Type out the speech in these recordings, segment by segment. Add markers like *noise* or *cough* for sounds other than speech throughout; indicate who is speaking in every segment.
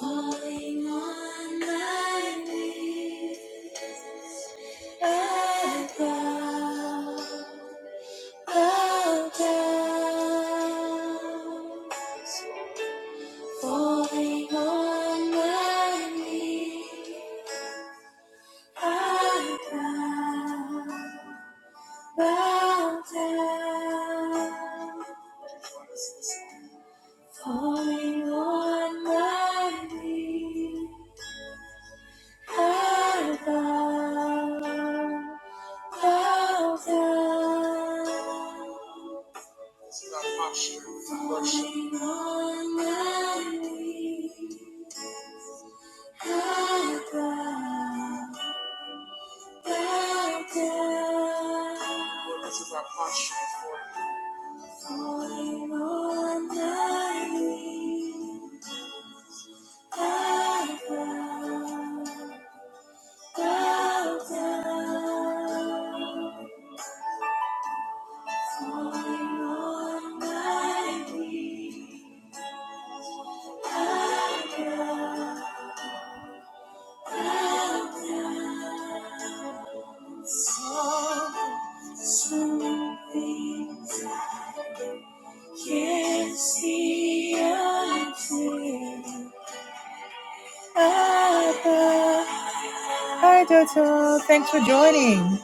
Speaker 1: Falling on my knees, I bow, bow down. Falling on my knees, I bow, bow down. Falling on my knees, I bow. Thousands Our posture of worship. on my knees, I bow, bow down. Lord, This is our posture for Falling on my knees, I bow, bow down. Falling on my knees. Hi, Jojo. Thanks for joining.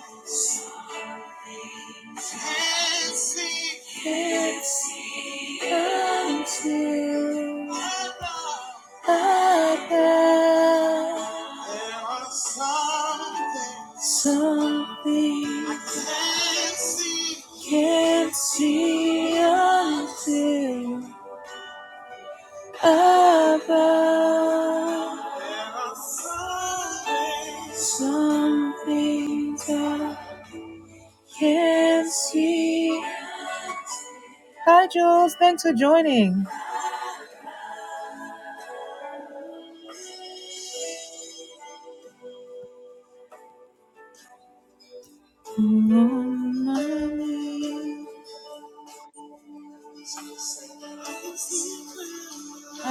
Speaker 1: Can't see. Can't see until above. There are some things. Some things I can't see. Can't see until above. There are some things. Some things I can't see. Hi, Jules. Thanks for joining.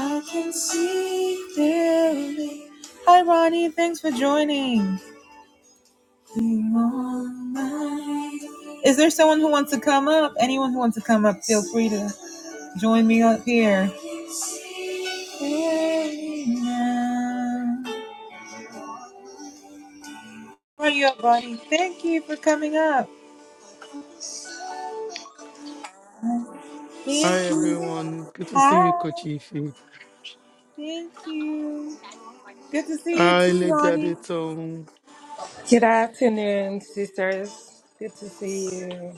Speaker 1: I can see clearly. Hi, Ronnie. Thanks for joining. Is there someone who wants to come up? Anyone who wants to come up, feel free to join me up here. Are you up, Ronnie? Thank you for coming up.
Speaker 2: Hi
Speaker 1: Thank you.
Speaker 2: everyone, good to see you,
Speaker 1: Hi.
Speaker 2: Coach Ify.
Speaker 1: Thank you. Good to see you
Speaker 2: Hi,
Speaker 1: too,
Speaker 2: Lady
Speaker 1: Ronnie.
Speaker 2: Adetong.
Speaker 3: Good afternoon, sisters. Good to see you.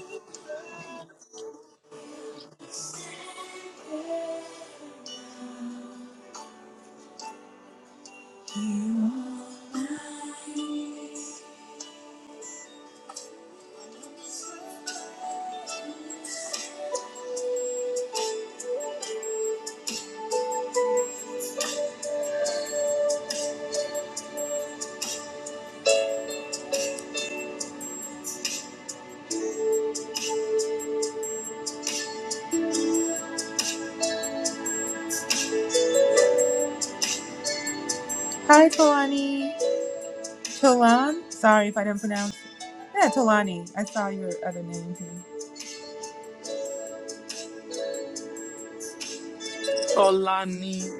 Speaker 1: Hi, Tolani. Tolan? Sorry if I didn't pronounce. Yeah, Tolani. I saw your other name too.
Speaker 2: Tolani,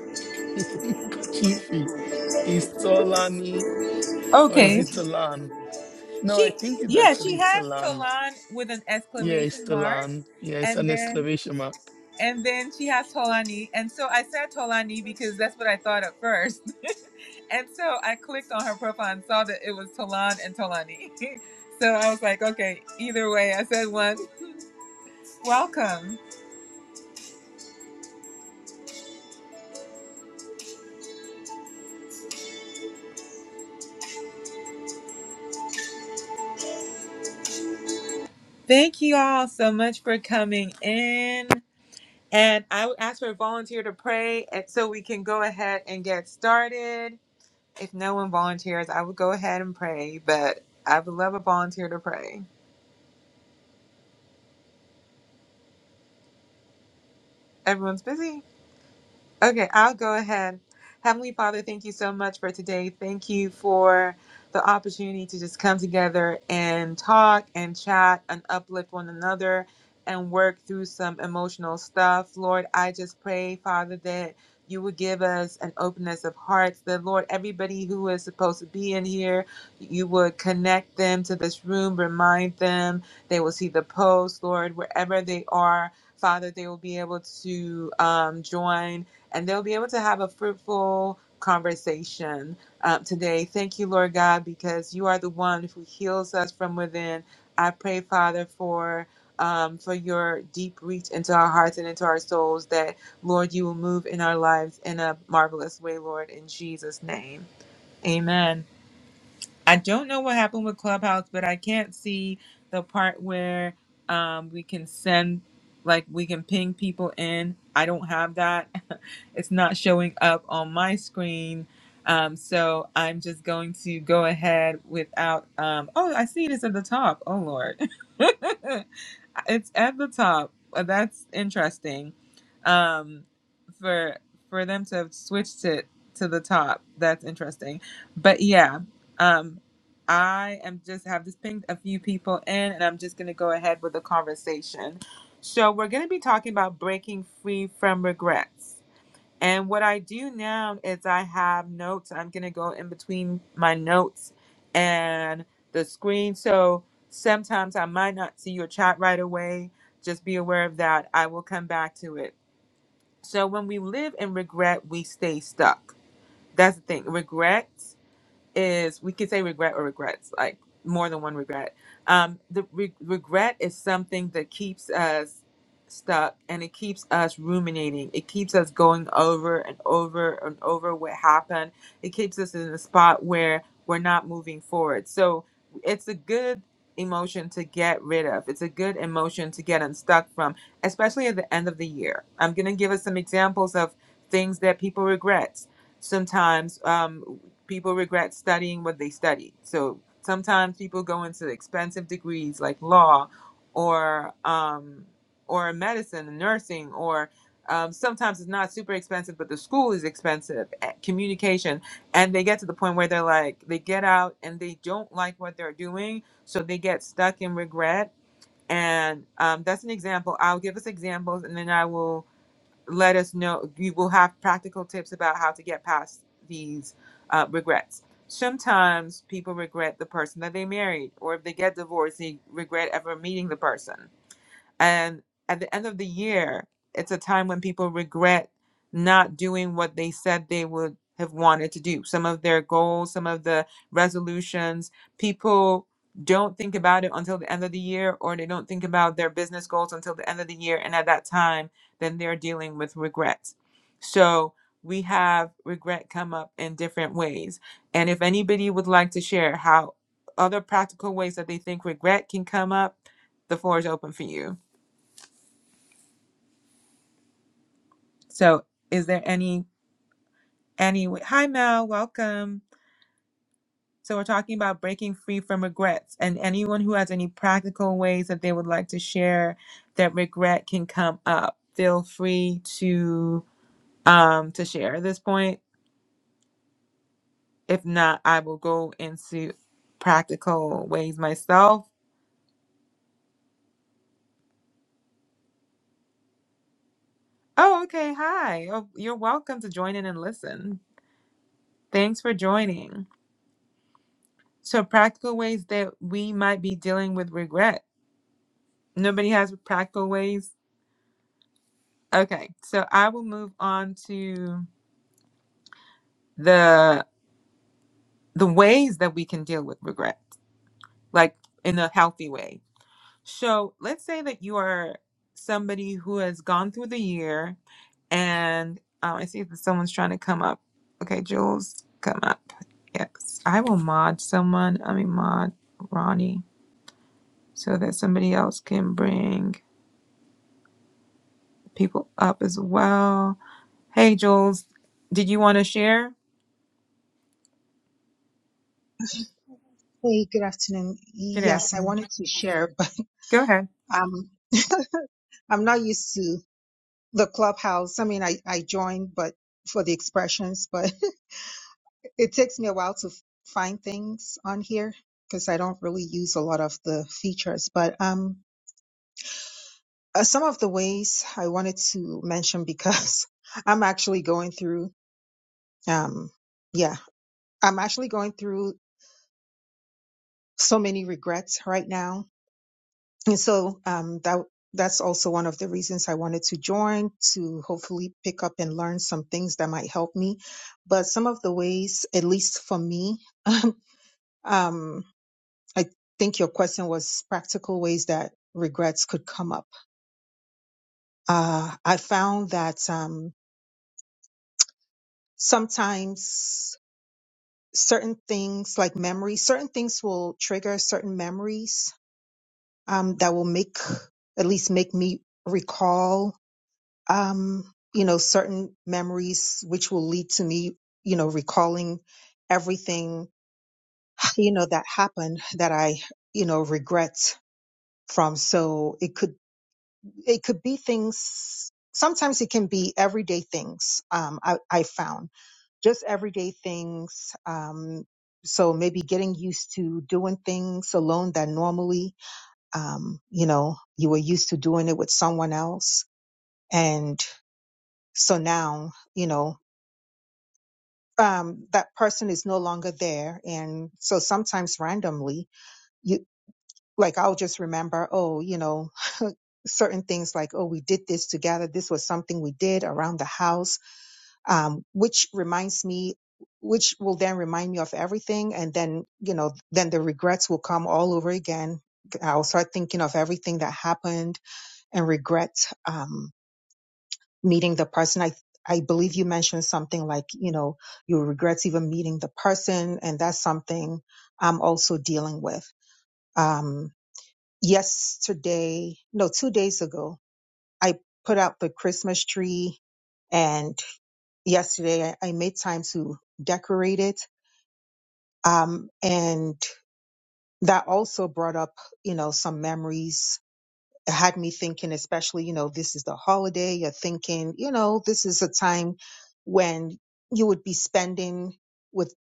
Speaker 2: Coach Ify. Is Tolani or is
Speaker 1: Okay.
Speaker 2: it Tolan? No, I
Speaker 1: She,
Speaker 2: think it's
Speaker 1: yeah, she
Speaker 2: actually
Speaker 1: has
Speaker 2: Tolan.
Speaker 1: Tolan with an
Speaker 2: Yeah, it's
Speaker 1: exclamation mark,
Speaker 2: Tolan. Yeah, it's
Speaker 1: and
Speaker 2: an
Speaker 1: then
Speaker 2: exclamation mark.
Speaker 1: and then she has Tolani, and so I said Tolani because that's what I thought at first, *laughs* and so I clicked on her profile and saw that it was Tolan and Tolani. *laughs* So I was like, okay, either way, I said one. Welcome. Thank you all so much for coming in. And I would ask for a volunteer to pray and- so we can go ahead and get started. If no one volunteers, I would go ahead and pray, but I would love a volunteer to pray. Everyone's busy. Okay, I'll go ahead. Heavenly Father, thank you so much for today. Thank you for the opportunity to just come together and talk and chat and uplift one another and work through some emotional stuff. Lord, I just pray, Father, that you would give us an openness of hearts, that Lord, everybody who is supposed to be in here, you would connect them to this room, remind them. They will see the post, Lord, wherever they are. Father, they will be able to um, join and they'll be able to have a fruitful conversation um, today. Thank you, Lord God, because you are the one who heals us from within. I pray, Father, for um, for your deep reach into our hearts and into our souls, that Lord, you will move in our lives in a marvelous way, Lord, in Jesus' name. Amen. I don't know what happened with Clubhouse, but I can't see the part where um, we can send, like, we can ping people in. I don't have that. *laughs* it's not showing up on my screen. Um, so I'm just going to go ahead without. Um, oh, I see it is at the top. Oh, Lord. *laughs* it's at the top. Uh, That's interesting. Um, for for them to have switched it to the top, that's interesting. But yeah, um, I am just have just pinged a few people in, and I'm just gonna go ahead with the conversation. So we're gonna be talking about breaking free from regrets. And what I do now is I have notes. I'm going to go in between my notes and the screen. So sometimes I might not see your chat right away. Just be aware of that. I will come back to it. So when we live in regret, we stay stuck. That's the thing. Regret is we could say regret or regrets, like more than one regret. Um, the re- regret is something that keeps us stuck and it keeps us ruminating. It keeps us going over and over and over what happened. It keeps us in a spot where we're not moving forward. So it's a good emotion to get rid of. It's a good emotion to get unstuck from, especially at the end of the year. I'm going to give us some examples of things that people regret sometimes. Um, people regret studying what they studied. So sometimes people go into expensive degrees like law or um, or medicine and nursing or um, sometimes it's not super expensive, but the school is expensive. eh, Communication, and they get to the point where they're like, they get out and they don't like what they're doing, so they get stuck in regret. And um, that's an example. I'll give us examples, and then I will let us know. You will have practical tips about how to get past these uh, regrets. Sometimes people regret the person that they married, or if they get divorced, they regret ever meeting the person. And at the end of the year, it's a time when people regret not doing what they said they would have wanted to do. Some of their goals, some of the resolutions, people don't think about it until the end of the year, or they don't think about their business goals until the end of the year. And at that time, then they're dealing with regrets. So we have regret come up in different ways. And if anybody would like to share how other practical ways that they think regret can come up, the floor is open for you. So, is there any any Hi Mel, welcome. So, we're talking about breaking free from regrets and anyone who has any practical ways that they would like to share that regret can come up. Feel free to um to share at this point. If not, I will go into practical ways myself. Oh, okay. Hi. Oh, you're welcome to join in and listen. Thanks for joining. So, practical ways that we might be dealing with regret. Nobody has practical ways Okay, so I will move on to the the ways that we can deal with regret, like in a healthy way. So let's say that you are somebody who has gone through the year, and um, I see that someone's trying to come up. Okay, Jules, come up. Yes, I will mod someone. I mean, mod Ronnie, so that somebody else can bring people up as well. Hey, Jules, did you want to share?
Speaker 4: Hey, good afternoon.
Speaker 1: Yeah,
Speaker 4: Yes, I wanted to share, *laughs* but
Speaker 1: go ahead.
Speaker 4: um, I'm not used to the clubhouse. I mean, I, I joined, but for the expressions, but *laughs* it takes me a while to f- find things on here because I don't really use a lot of the features. But um, uh, some of the ways I wanted to mention because *laughs* I'm actually going through, um, yeah, I'm actually going through so many regrets right now And so um, that that's also one of the reasons I wanted to join to hopefully pick up and learn some things that might help me. But some of the ways, at least for me, um, I think your question was practical ways that regrets could come up. Uh, I found that um, sometimes certain things like memories, certain things will trigger certain memories um, that will make, at least make me recall um, you know, certain memories, which will lead to me, you know, recalling everything, you know, that happened that I, you know, regret from. So it could, it could be things. Sometimes it can be everyday things. Um, I, I found just everyday things. Um, so maybe getting used to doing things alone that normally, um, you know, you were used to doing it with someone else. And so now, you know, um, that person is no longer there. And so sometimes randomly, you like, I'll just remember, oh, you know, *laughs* certain things like, oh, we did this together. This was something we did around the house, um, which reminds me, which will then remind me of everything. And then, you know, then the regrets will come all over again. I'll start thinking of everything that happened and regret. um, meeting the person. I I believe you mentioned something like, you know, you regret even meeting the person, and that's something I'm also dealing with. Um, yesterday, no, two days ago, I put out the Christmas tree, and yesterday I, I made time to decorate it. Um, and that also brought up, you know, some memories it had me thinking, especially, you know, this is the holiday. You're thinking, you know, this is a time when you would be spending with,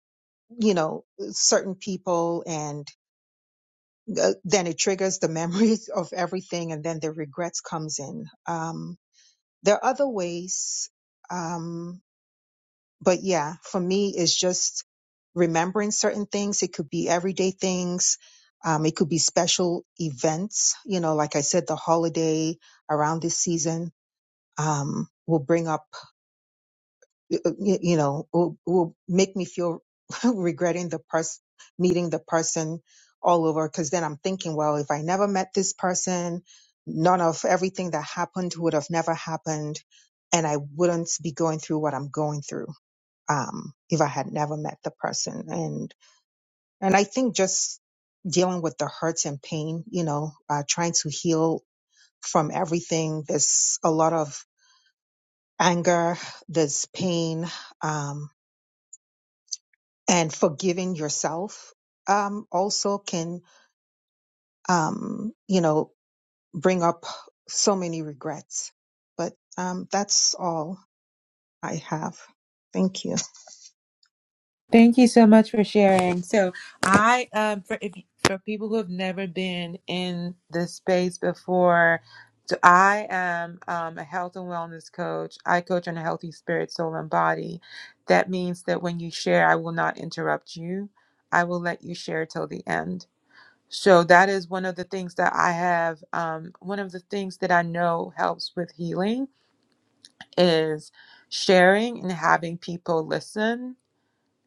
Speaker 4: you know, certain people and uh, then it triggers the memories *laughs* of everything and then the regrets comes in. Um, there are other ways. Um, but yeah, for me, it's just remembering certain things. It could be everyday things. Um, it could be special events, you know, like I said, the holiday around this season um, will bring up, y- you know, will, will make me feel *laughs* regretting the person, meeting the person all over. Cause then I'm thinking, well, if I never met this person, none of everything that happened would have never happened. And I wouldn't be going through what I'm going through, um, if I had never met the person. And, and I think just dealing with the hurts and pain, you know, uh, trying to heal from everything. There's a lot of anger, there's pain, um, and forgiving yourself um, also can, um, you know, bring up so many regrets. But um, that's all I have. Thank you.
Speaker 1: Thank you so much for sharing. So, I um for if, for people who have never been in this space before, so I am um, a health and wellness coach. I coach on a healthy spirit, soul, and body. That means that when you share, I will not interrupt you. I will let you share till the end. So that is one of the things that I have. Um, one of the things that I know helps with healing is sharing and having people listen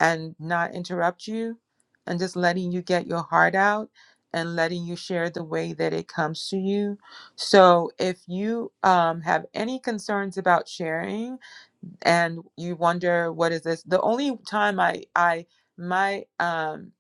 Speaker 1: and not interrupt you and just letting you get your heart out and letting you share the way that it comes to you. So, if you um, have any concerns about sharing and you wonder what is this, the only time I I my um,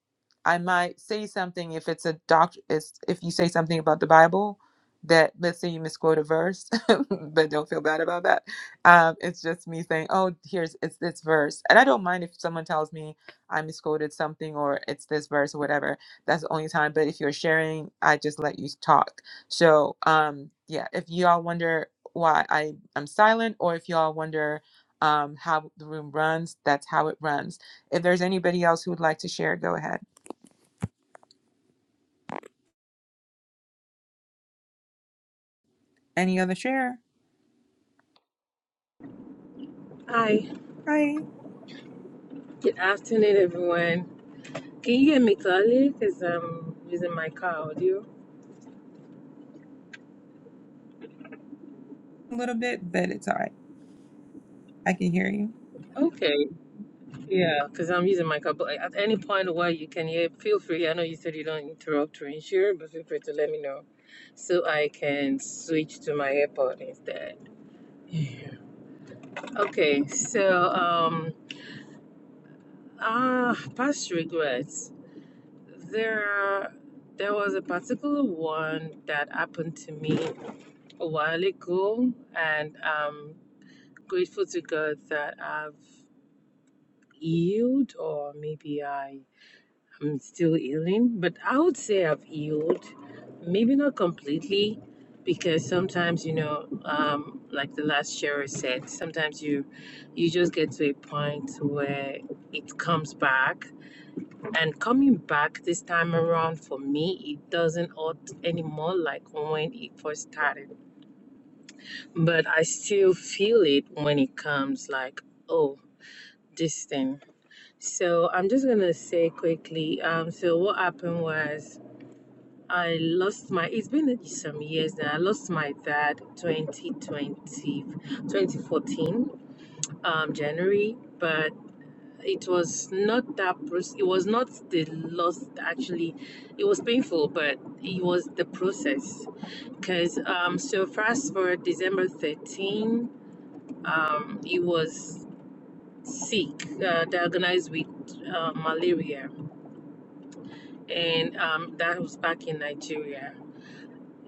Speaker 1: I might say something if it's a doctor if you say something about the Bible that let's say you misquote a verse, *laughs* but don't feel bad about that. Um, it's just me saying, oh, here's it's this verse, and I don't mind if someone tells me I misquoted something or it's this verse or whatever. That's the only time. But if you're sharing, I just let you talk. So um, yeah, if y'all wonder why I am silent, or if y'all wonder um, how the room runs, that's how it runs. If there's anybody else who would like to share, go ahead. Any other share?
Speaker 3: Hi,
Speaker 1: Hi.
Speaker 3: good afternoon, everyone. Can you hear me clearly? Because I'm using my car audio.
Speaker 1: A little bit, but it's all right. I can hear you.
Speaker 3: Okay, yeah, because I'm using my car. But like, at any point while you can hear, feel free. I know you said you don't interrupt or insure, but feel free to let me know so I can switch to my airport instead. Yeah. Okay, so um, ah, past regrets. There, there was a particular one that happened to me a while ago, and I'm grateful to God that I've healed, or maybe I am still healing. But I would say I've healed, maybe not completely, because sometimes you know, um, like the last sharer said, sometimes you, you just get to a point where it comes back and coming back this time around, for me, it doesn't hurt anymore like when it first started. But I still feel it when it comes, like, oh, this thing. So I'm just gonna say quickly. Um, so what happened was I lost my. It's been some years now. I lost my dad 2020, twenty fourteen, um, January. But It was not that proc- it was not the loss actually. It was painful, but it was the process. Because um, so fast forward December 13, um, he was sick, uh, diagnosed with uh, malaria, and um, that was back in Nigeria.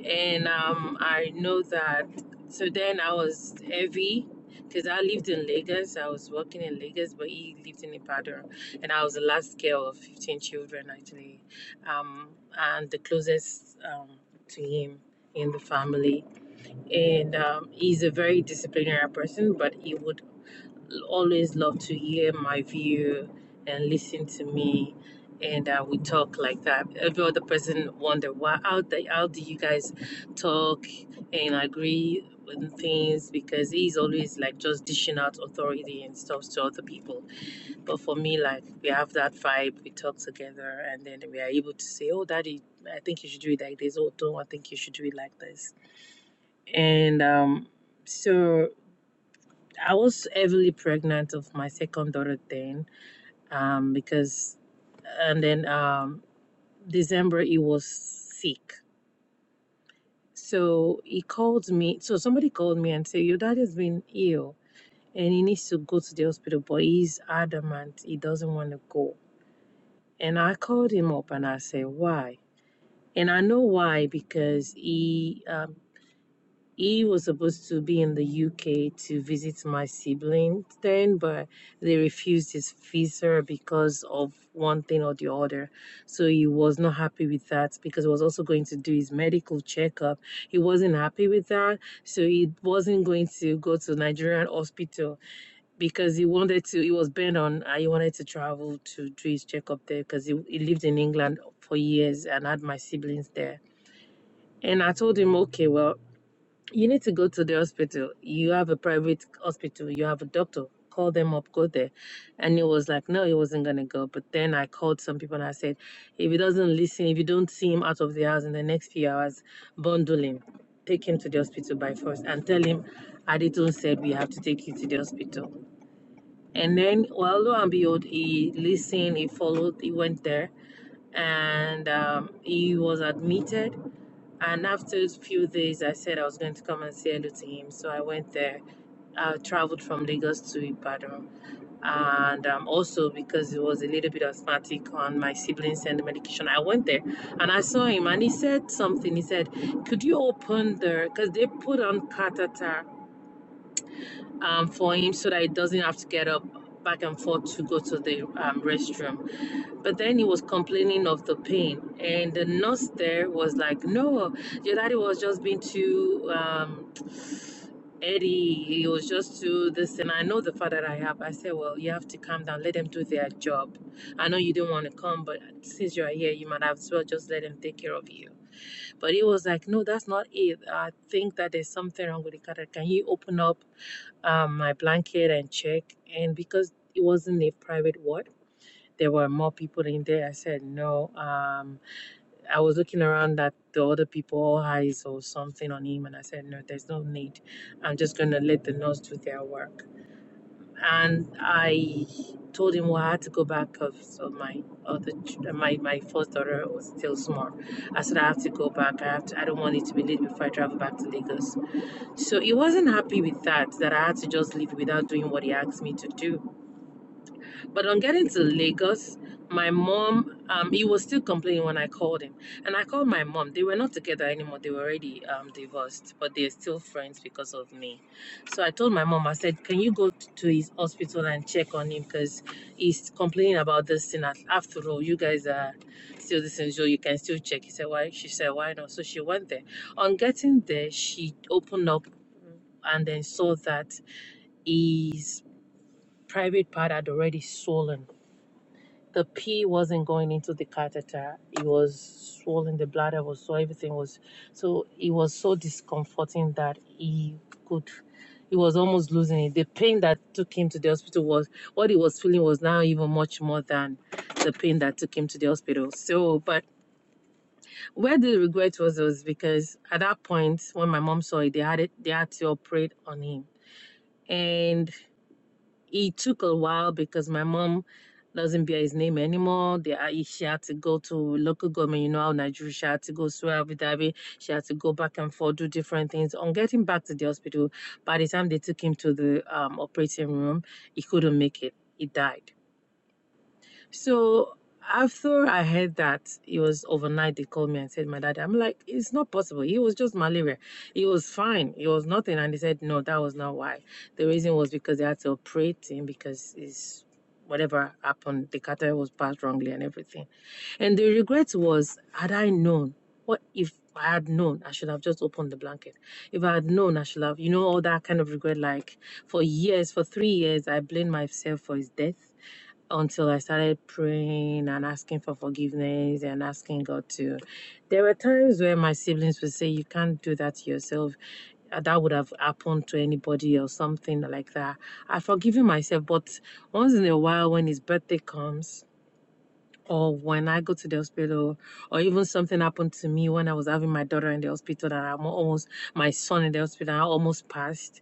Speaker 3: and um, I know that. So then I was heavy because I lived in Lagos. I was working in Lagos, but he lived in Ibadan, and I was the last girl of fifteen children actually, um, and the closest um, to him in the family. And um, he's a very disciplinary person, but he would always love to hear my view and listen to me and uh, we talk like that every other person wonder why how, the, how do you guys talk and agree with things because he's always like just dishing out authority and stuff to other people but for me like we have that vibe we talk together and then we are able to say oh daddy i think you should do it like this oh don't i think you should do it like this and um so I was heavily pregnant of my second daughter then, um, because, and then um, December he was sick. So he called me. So somebody called me and said, "Your dad has been ill and he needs to go to the hospital, but he's adamant he doesn't want to go." And I called him up and I said, "Why?" And I know why because he um, he was supposed to be in the UK to visit my siblings then, but they refused his visa because of one thing or the other. So he was not happy with that because he was also going to do his medical checkup. He wasn't happy with that. So he wasn't going to go to Nigerian hospital because he wanted to, he was bent on, uh, he wanted to travel to do his checkup there because he, he lived in England for years and had my siblings there. And I told him, okay, well, you need to go to the hospital. You have a private hospital. You have a doctor. Call them up, go there. And he was like, no, he wasn't going to go. But then I called some people and I said, if he doesn't listen, if you don't see him out of the house in the next few hours, bundle him. Take him to the hospital by force and tell him, Aditon said we have to take you to the hospital. And then, well, lo and behold, he listened, he followed, he went there, and um, he was admitted. And after a few days, I said I was going to come and say hello to him. So I went there. I traveled from Lagos to Ibadan. And um, also because it was a little bit asthmatic on my siblings and the medication, I went there and I saw him and he said something. He said, Could you open the, because they put on catheter um, for him so that he doesn't have to get up back and forth to go to the um, restroom. But then he was complaining of the pain, and the nurse there was like, "No, your daddy was just being too." Um, Eddie, he was just too this, and I know the father that I have. I said, Well, you have to calm down, let them do their job. I know you didn't want to come, but since you are here, you might as well just let them take care of you. But he was like, No, that's not it. I think that there's something wrong with the car. Can you open up? um, my blanket and check. And because it wasn't a private ward, there were more people in there. I said, no. Um, I was looking around at the other people, eyes or something on him. And I said, no, there's no need. I'm just going to let the nurse do their work and I told him well I had to go back because of my other ch- uh, my my first daughter was still small. I said I have to go back. I have to, I don't want it to be late before I travel back to Lagos. So he wasn't happy with that that I had to just leave without doing what he asked me to do. But on getting to Lagos, my mom, um, he was still complaining when I called him. And I called my mom. They were not together anymore. They were already um, divorced, but they're still friends because of me. So I told my mom, I said, Can you go t- to his hospital and check on him? Because he's complaining about this thing. Af- After all, you guys are still this thing, so you can still check. He said, Why? She said, Why not? So she went there. On getting there, she opened up and then saw that his private part had already swollen the pee wasn't going into the catheter. It was swollen. The bladder was so everything was so it was so discomforting that he could. He was almost losing it. The pain that took him to the hospital was what he was feeling was now even much more than the pain that took him to the hospital. So, but where the regret was was because at that point when my mom saw it, they had it, they had to operate on him, and it took a while because my mom doesn't bear his name anymore. They, are- she had to go to local government, you know how Nigeria, she had to go to Abu Dhabi, she had to go back and forth, do different things. On getting back to the hospital, by the time they took him to the um, operating room, he couldn't make it. He died so after I heard that it was overnight, they called me and said, My dad." I'm like, it's not possible. It was just malaria. It was fine. It was nothing. And they said, No, that was not why. The reason was because they had to operate him because it's whatever happened, the catheter was passed wrongly and everything. And the regret was, had I known, what if I had known, I should have just opened the blanket. If I had known, I should have, you know, all that kind of regret. Like for years, for three years, I blamed myself for his death until I started praying and asking for forgiveness and asking God to. There were times where my siblings would say, You can't do that to yourself. Uh, That would have happened to anybody or something like that. I've forgiven myself, but once in a while, when his birthday comes, or when I go to the hospital, or even something happened to me when I was having my daughter in the hospital, and I'm almost my son in the hospital, I almost passed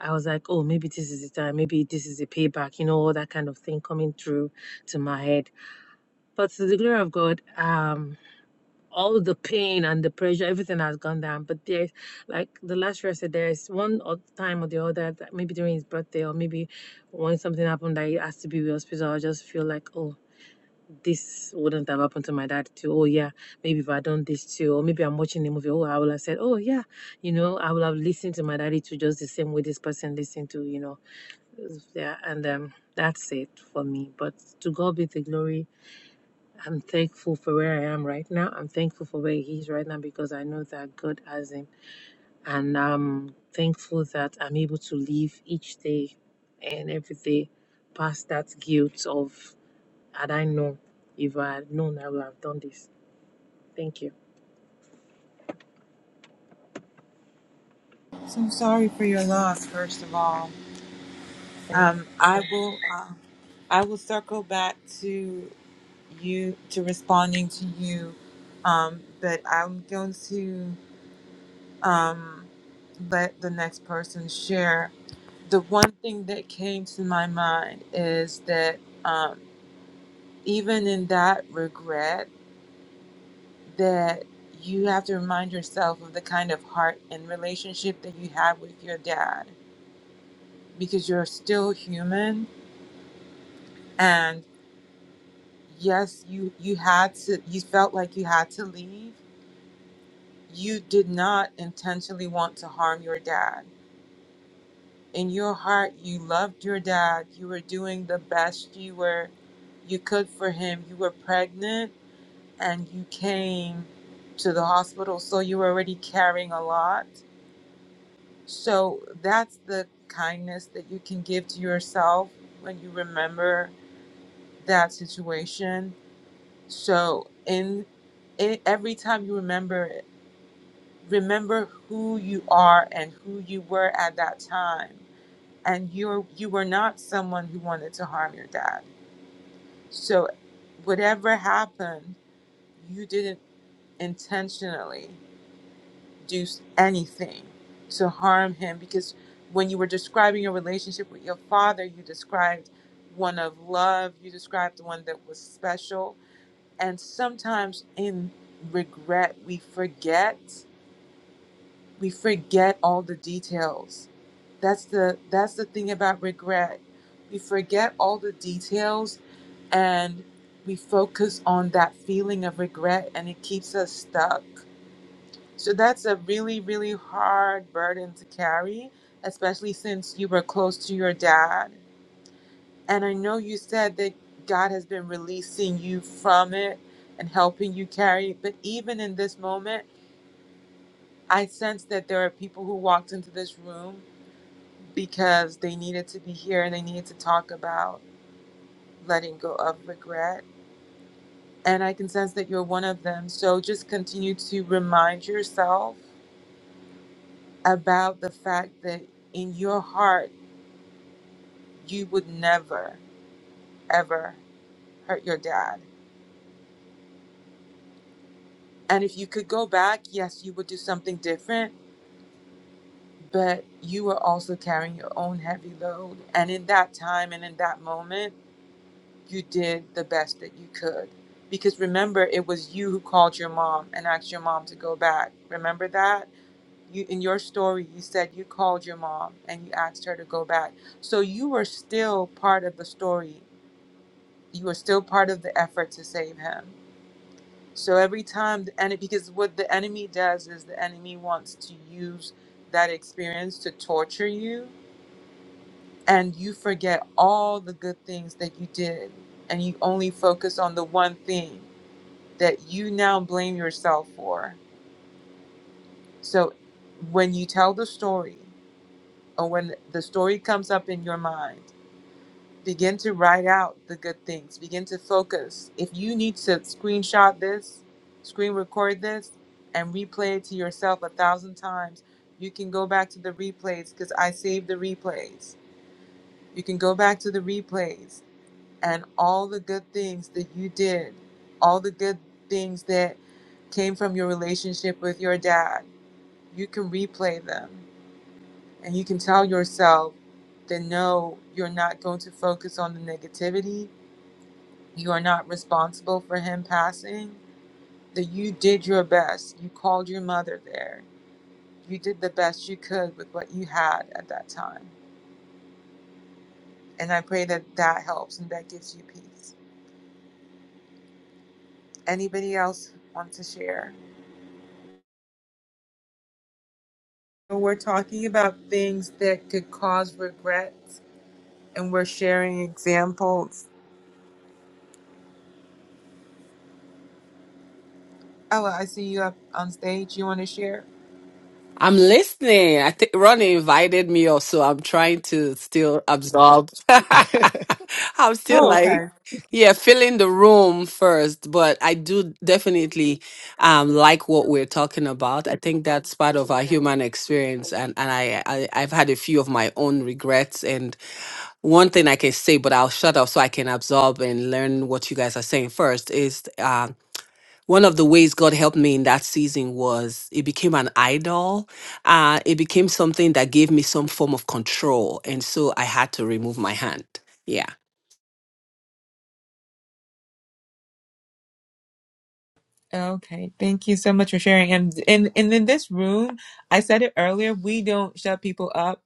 Speaker 3: I was like, oh, maybe this is the time, maybe this is a payback, you know, all that kind of thing coming through to my head. But to the glory of God, um, all the pain and the pressure, everything has gone down. But there's like the last year I said, there's one odd time or the other, that maybe during his birthday or maybe when something happened that he has to be with hospital, I just feel like, oh, this wouldn't have happened to my dad too. Oh yeah, maybe if I done this too, or maybe I'm watching the movie. Oh, I would have said, oh yeah, you know, I would have listened to my daddy too, just the same way this person listened to, you know yeah, and um, that's it for me. But to God be the glory. I'm thankful for where I am right now. I'm thankful for where He is right now because I know that God has Him, and I'm thankful that I'm able to live each day and every day past that guilt of had I known, if I had known, I would have done this. Thank you.
Speaker 1: So I'm sorry for your loss, first of all. Um, I will uh, I will circle back to you to responding to you, um, but I'm going to um, let the next person share. The one thing that came to my mind is that um, even in that regret. that you have to remind yourself of the kind of heart and relationship that you have with your dad because you're still human and yes you you had to you felt like you had to leave you did not intentionally want to harm your dad in your heart you loved your dad you were doing the best you were you could for him you were pregnant and you came to the hospital so you were already carrying a lot So that's the kindness that you can give to yourself when you remember that situation. So in, in every time you remember it, remember who you are and who you were at that time. And you're you were not someone who wanted to harm your dad. So whatever happened, you did it intentionally. do anything to harm him because when you were describing your relationship with your father, you described one of love, you described the one that was special. And sometimes in regret, we forget, we forget all the details. That's the that's the thing about regret. We forget all the details and we focus on that feeling of regret and it keeps us stuck so that's a really, really hard burden to carry, especially since you were close to your dad. And I know you said that God has been releasing you from it and helping you carry it. But even in this moment, I sense that there are people who walked into this room because they needed to be here and they needed to talk about letting go of regret. And I can sense that you're one of them. So just continue to remind yourself about the fact that in your heart, you would never ever hurt your dad. And if you could go back, yes, you would do something different, but you were also carrying your own heavy load. And in that time and in that moment, you did the best that you could. Because remember, it was you who called your mom and asked your mom to go back. Remember that? You, in your story, you said you called your mom and you asked her to go back. So you were still part of the story. You were still part of the effort to save him So every time, the enemy, because what the enemy does is the enemy wants to use that experience to torture you, and you forget all the good things that you did, and you only focus on the one thing that you now blame yourself for. So when you tell the story, or when the story comes up in your mind, Begin to write out the good things. Begin to focus. If you need to screenshot this, screen record this, and replay it to yourself a thousand times, you can go back to the replays because I saved the replays. You can go back to the replays and all the good things that you did, all the good things that came from your relationship with your dad, you can replay them and you can tell yourself that no, you're not going to focus on the negativity You are not responsible for him passing. That you did your best. You called your mother there. You did the best you could with what you had at that time. And I pray that that helps and that gives you peace. Anybody else want to share? So We're talking about things that could cause regrets, and we're sharing examples. Ella, I see you up on stage. You want to share?
Speaker 5: I'm listening. I think Ronnie invited me up, so I'm trying to still absorb. *laughs* I'm still
Speaker 1: Oh,
Speaker 5: like, yeah, filling the room first, but I do definitely um, like what we're talking about. I think that's part of our human experience, and and I, I I've had a few of my own regrets. And one thing I can say, but I'll shut up so I can absorb and learn what you guys are saying first is. uh, one of the ways God helped me in that season was it became an idol. Uh, it became something that gave me some form of control. And so I had to remove my hand. Yeah.
Speaker 1: Okay, thank you so much for sharing. And and and in this room, I said it earlier, we don't shut people up.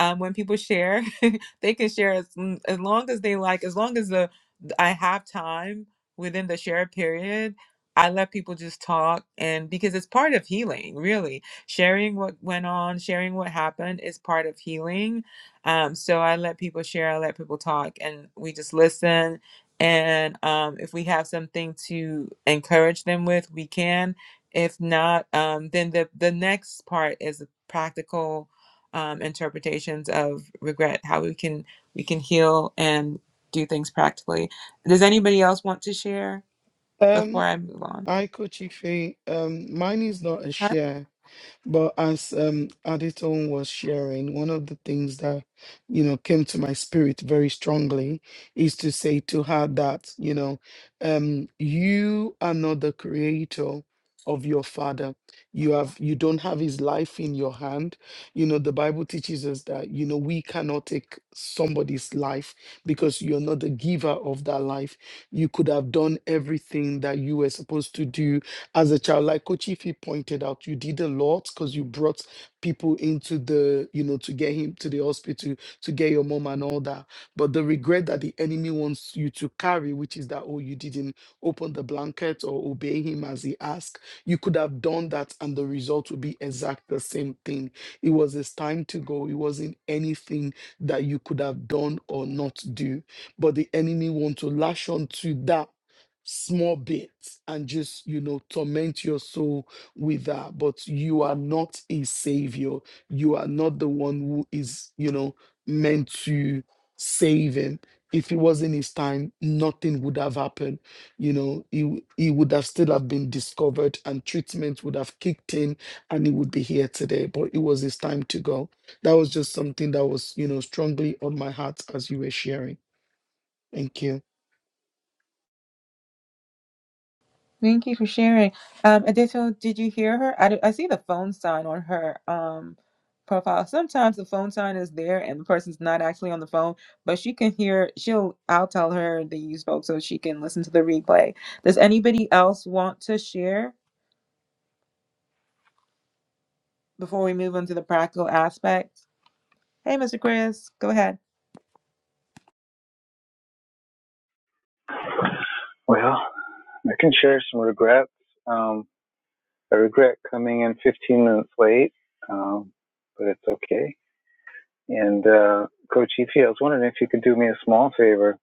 Speaker 1: Um, when people share, *laughs* they can share as, mm, as long as they like, as long as the I have time within the share period. I let people just talk, and because it's part of healing, really, sharing what went on, sharing what happened is part of healing. Um, so I let people share, I let people talk, and we just listen and um, if we have something to encourage them with we can if not um, then the, the next part is practical um, interpretations of regret how we can we can heal and do things practically does anybody else want to share before
Speaker 2: Um,
Speaker 1: i move on
Speaker 2: hi, Coach Ify. Um, mine is not a share. But as um, Aditon was sharing, one of the things that, you know, came to my spirit very strongly is to say to her that, you know, um, you are not the creator of your father. You have you don't have his life in your hand. You know, the Bible teaches us that, you know, we cannot take somebody's life because you're not the giver of that life. You could have done everything that you were supposed to do as a child, like Kochifi pointed out, you did a lot because you brought people into the, you know, to get him to the hospital, to get your mom and all that. But the regret that the enemy wants you to carry, which is that, oh, you didn't open the blanket or obey him as he asked, you could have done that and the result would be exact the same thing. It was his time to go. It wasn't anything that you could have done or not do. But the enemy want to lash on to that small bits and just you know torment your soul with that but you are not a savior you are not the one who is you know meant to save him if it wasn't his time nothing would have happened you know he, w- he would have still have been discovered and treatment would have kicked in and he would be here today but it was his time to go that was just something that was you know strongly on my heart as you were sharing Thank you.
Speaker 1: Thank you for sharing. Um, Adeto, did you hear her? I, d- I see the phone sign on her um profile. Sometimes the phone sign is there and the person's not actually on the phone, but she can hear. She'll. I'll tell her that you spoke so she can listen to the replay. Does anybody else want to share before we move on to the practical aspects? Hey, Mr. Chris, go ahead.
Speaker 6: Well, I can share some regrets. Um, I regret coming in 15 minutes late, um, but it's okay. And uh, Coach Efi, I was wondering if you could do me a small favor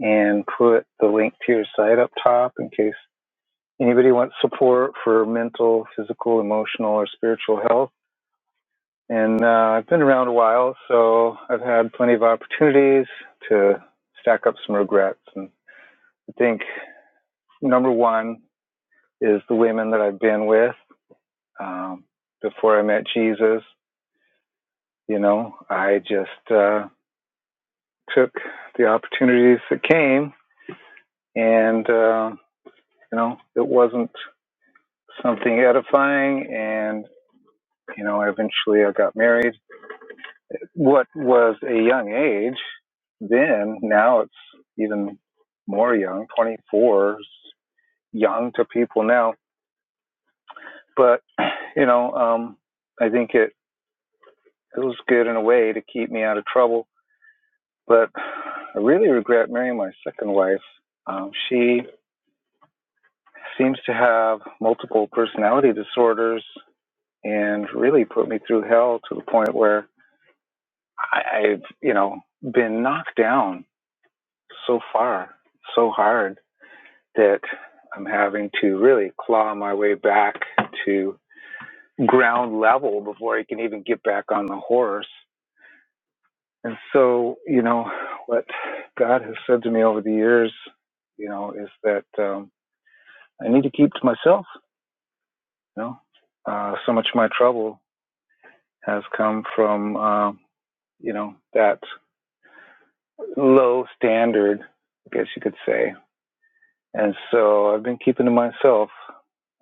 Speaker 6: and put the link to your site up top in case anybody wants support for mental, physical, emotional, or spiritual health. And uh, I've been around a while, so I've had plenty of opportunities to stack up some regrets. And I think number one is the women that I've been with Um, before I met Jesus, you know, I just uh, took the opportunities that came, and uh, you know, it wasn't something edifying. And you know, eventually I got married. What was a young age then, now it's even more young. Twenty four is young to people now, but *clears throat* you know, um, I think it it was good in a way to keep me out of trouble But I really regret marrying my second wife. Um, she seems to have multiple personality disorders and really put me through hell to the point where I, I've, you know, been knocked down so far, so hard that I'm having to really claw my way back to ground level before I can even get back on the horse. And so, you know, what God has said to me over the years, you know, is that um, I need to keep to myself. You know, uh, so much of my trouble has come from uh, you know that low standard, I guess you could say. And so I've been keeping to myself.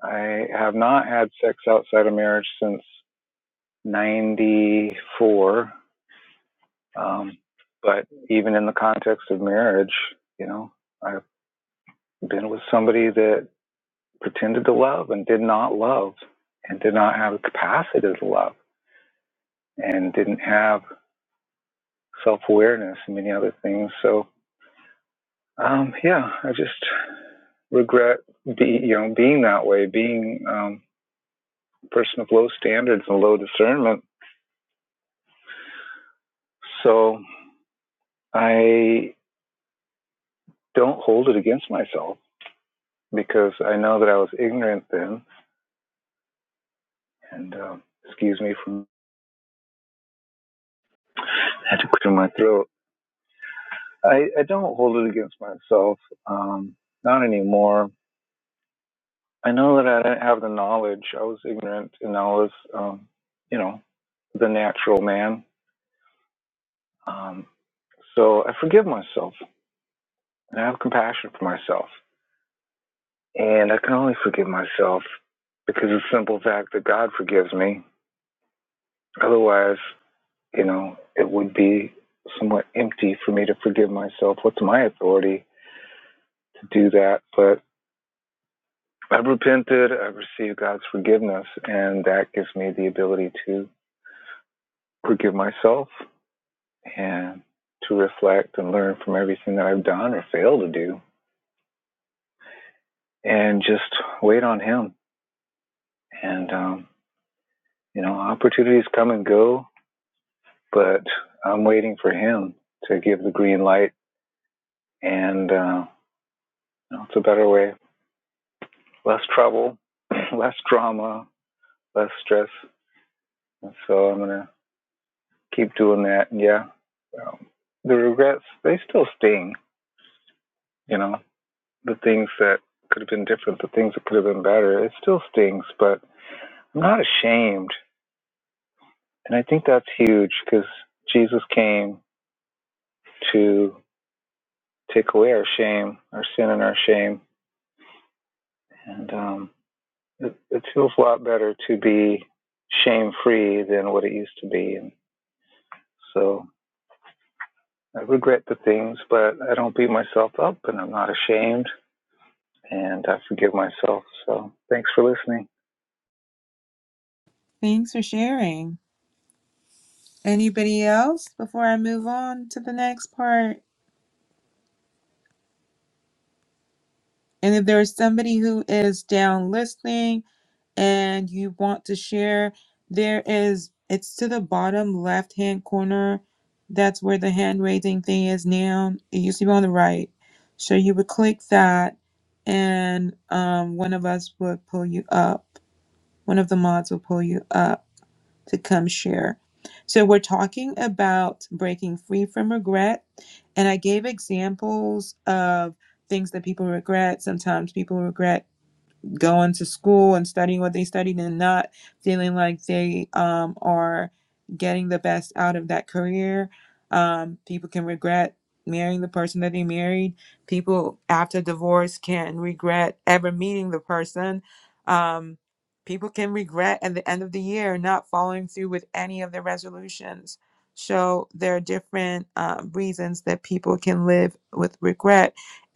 Speaker 6: I have not had sex outside of marriage since '94. Um, but even in the context of marriage, you know, I've been with somebody that pretended to love and did not love and did not have the capacity to love and didn't have self awareness and many other things. So um, yeah, I just regret be you know being that way, being um, a person of low standards and low discernment. So I don't hold it against myself because I know that I was ignorant then, and um, excuse me from I had to clear my throat. I, I don't hold it against myself, um, not anymore. I know that I didn't have the knowledge. I was ignorant, and I was, um, you know, the natural man. Um, so I forgive myself and I have compassion for myself. And I can only forgive myself because of the simple fact that God forgives me. Otherwise, you know, it would be somewhat empty for me to forgive myself. What's my authority to do that? But I've repented, I've received God's forgiveness, and that gives me the ability to forgive myself and to reflect and learn from everything that I've done or failed to do and just wait on Him. And, um, you know, opportunities come and go, but I'm waiting for Him to give the green light. And uh, you know, it's a better way. Less trouble, *clears throat* less drama, less stress. And so I'm going to keep doing that. And yeah, um, the regrets, they still sting, you know, the things that could have been different, the things that could have been better. It still stings, but I'm not ashamed. And I think that's huge because Jesus came to take away our shame, our sin, and our shame. And um, it, it feels a lot better to be shame free than what it used to be. And so I regret the things, but I don't beat myself up and I'm not ashamed and I forgive myself. So thanks for listening.
Speaker 1: Thanks for sharing. Anybody else before I move on to the next part? And if there's somebody who is down listening and you want to share, there is, it's to the bottom left hand corner. That's where the hand raising thing is now. It used to be on the right. So you would click that, and um, one of us would pull you up. One of the mods will pull you up to come share. So we're talking about breaking free from regret. And I gave examples of things that people regret. Sometimes people regret going to school and studying what they studied and not feeling like they um, are getting the best out of that career. Um, people can regret marrying the person that they married. People after divorce can regret ever meeting the person. Um, people can regret at the end of the year not following through with any of their resolutions. So there are different um, reasons that people can live with regret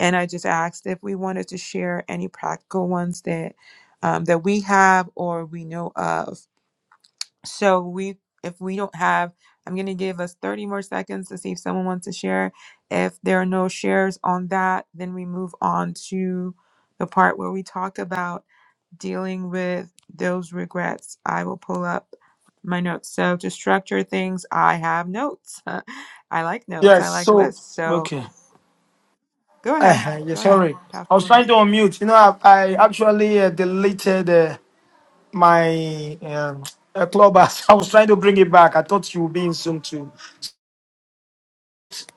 Speaker 1: and I just asked if we wanted to share any practical ones that um, that we have or we know of. So we, if we don't have, I'm going to give us 30 more seconds to see if someone wants to share. If there are no shares on that, then we move on to the part where we talk about dealing with those regrets. I will pull up my notes. So to structure things, I have notes. *laughs* I like notes.
Speaker 7: Yes,
Speaker 1: I like
Speaker 7: so
Speaker 1: lists. So
Speaker 7: okay.
Speaker 1: go ahead.
Speaker 7: Uh, yes,
Speaker 1: Go ahead,
Speaker 7: sorry.
Speaker 1: Pastor
Speaker 7: I was
Speaker 1: Williams.
Speaker 7: trying to unmute. You know, I, I actually uh, deleted uh, my um, uh, clubhouse. *laughs* I was trying to bring it back. I thought you would be in Zoom too.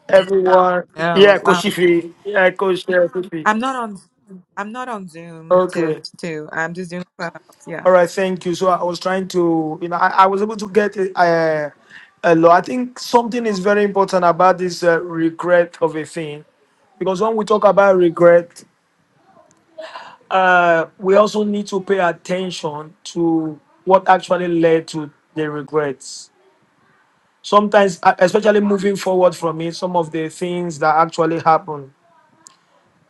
Speaker 7: Everyone,
Speaker 1: No,
Speaker 7: yeah,
Speaker 1: um,
Speaker 7: Koshifi, yeah, Kosh, yeah, Koshifi.
Speaker 1: I'm not on. I'm not on Zoom. To
Speaker 7: Okay,
Speaker 1: to I'm just doing Clubhouse. Yeah.
Speaker 7: all right, thank you. So I was trying to, you know, I, I was able to get uh, a lot. I think something is very important about this uh, regret of a thing because when we talk about regret uh, we also need to pay attention to what actually led to the regrets. Sometimes, uh, especially moving forward from it, some of the things that actually happen.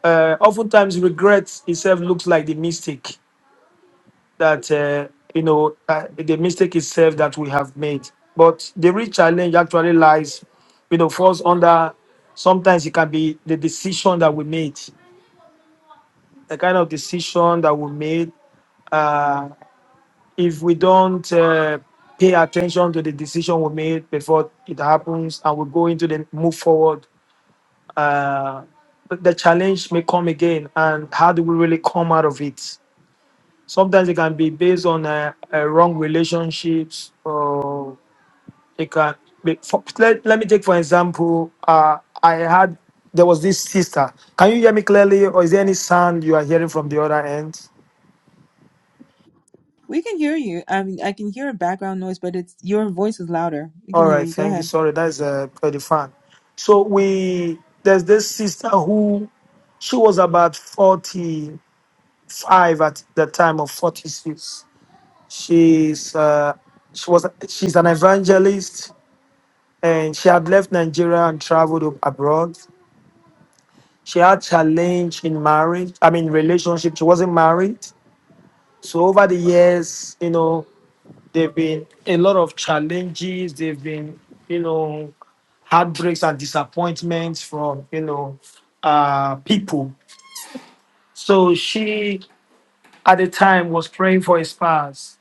Speaker 7: Uh, oftentimes, regret itself looks like the mistake that uh, you know uh, the mistake itself that we have made. But the real challenge actually lies, you know, falls under. Sometimes it can be the decision that we made, the kind of decision that we made uh, if we don't uh, pay attention to the decision we made before it happens and we go into the move forward uh, the the challenge may come again and how do we really come out of it sometimes it can be based on uh, uh, wrong relationships or it can be for, let, let me take for example uh, i had there was this sister can you hear me clearly or is there any sound you are hearing from the other end
Speaker 1: We can hear you. I mean, I can hear a background noise, but it's your voice is louder. We can
Speaker 7: All
Speaker 1: hear
Speaker 7: right,
Speaker 1: you. Go
Speaker 7: thank you.
Speaker 1: ahead.
Speaker 7: Sorry, that's uh, pretty fun. So we there's this sister who she was about 45 at the time of 46. She's uh, she was she's an evangelist and she had left Nigeria and traveled ab- abroad. She had challenge in marriage, I mean relationship. She wasn't married. So over the years, you know, They've been a lot of challenges. They've been, you know, heartbreaks and disappointments from, you know, uh, people. So she, at the time, was praying for a spouse,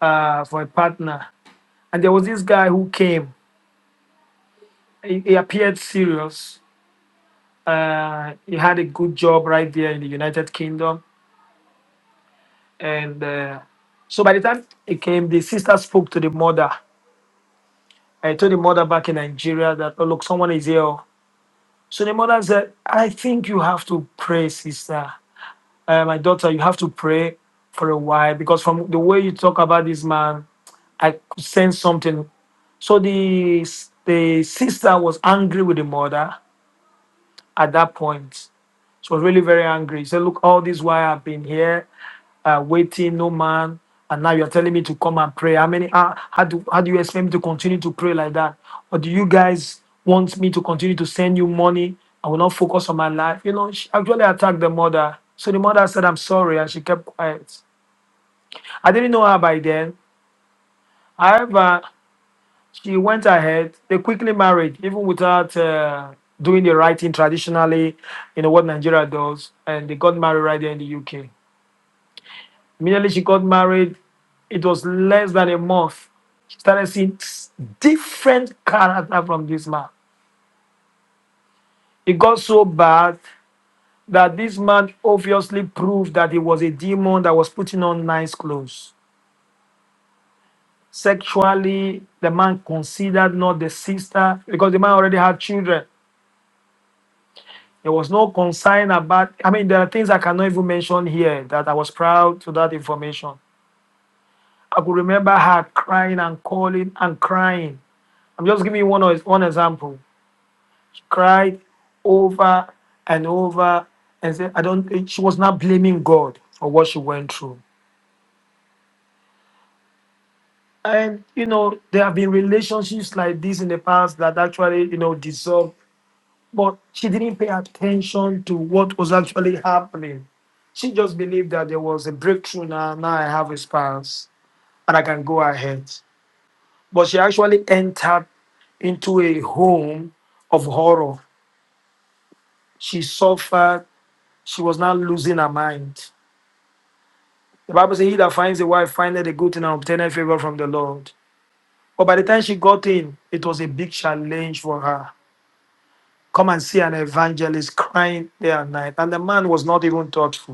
Speaker 7: uh, for a partner. And there was this guy who came. He, he appeared serious. Uh, he had a good job right there in the United Kingdom. And uh, so by the time he came, the sister spoke to the mother. I told the mother back in Nigeria that, oh, look, someone is here. So the mother said, I think you have to pray, sister. Uh, my daughter, you have to pray for a while because from the way you talk about this man, I could sense something. So the, the sister was angry with the mother at that point. She was really very angry. She said, Look, all this while I've been here, uh, waiting, no man, and now you're telling me to come and pray. How many uh, how do how do you expect me to continue to pray like that? Or do you guys want me to continue to send you money? I will not focus on my life. You know, she actually attacked the mother. So the mother said, I'm sorry, and she kept quiet. I didn't know her by then. However, she went ahead. They quickly married, even without uh, doing the writing traditionally, you know, what Nigeria does. And they got married right there in the UK. Immediately she got married, it was less than a month. She started seeing s- different character from this man. It got so bad that this man obviously proved that he was a demon that was putting on nice clothes. Sexually, the man considered not the sister because the man already had children There was no concern about, I mean, there are things I cannot even mention here that I was proud to that information. I could remember her crying and calling and crying. I'm just giving you one, ex- one example. She cried over and over and said, I don't, she was not blaming God for what she went through. And, you know, there have been relationships like this in the past that actually, you know, dissolved But she didn't pay attention to what was actually happening. She just believed that there was a breakthrough now. Now I have a spouse and I can go ahead. But she actually entered into a home of horror. She suffered. She was now losing her mind. The Bible says, He that finds a wife findeth a good thing and obtaineth favor from the Lord. But by the time she got in, it was a big challenge for her. Come and see an evangelist crying day and night. And the man was not even thoughtful.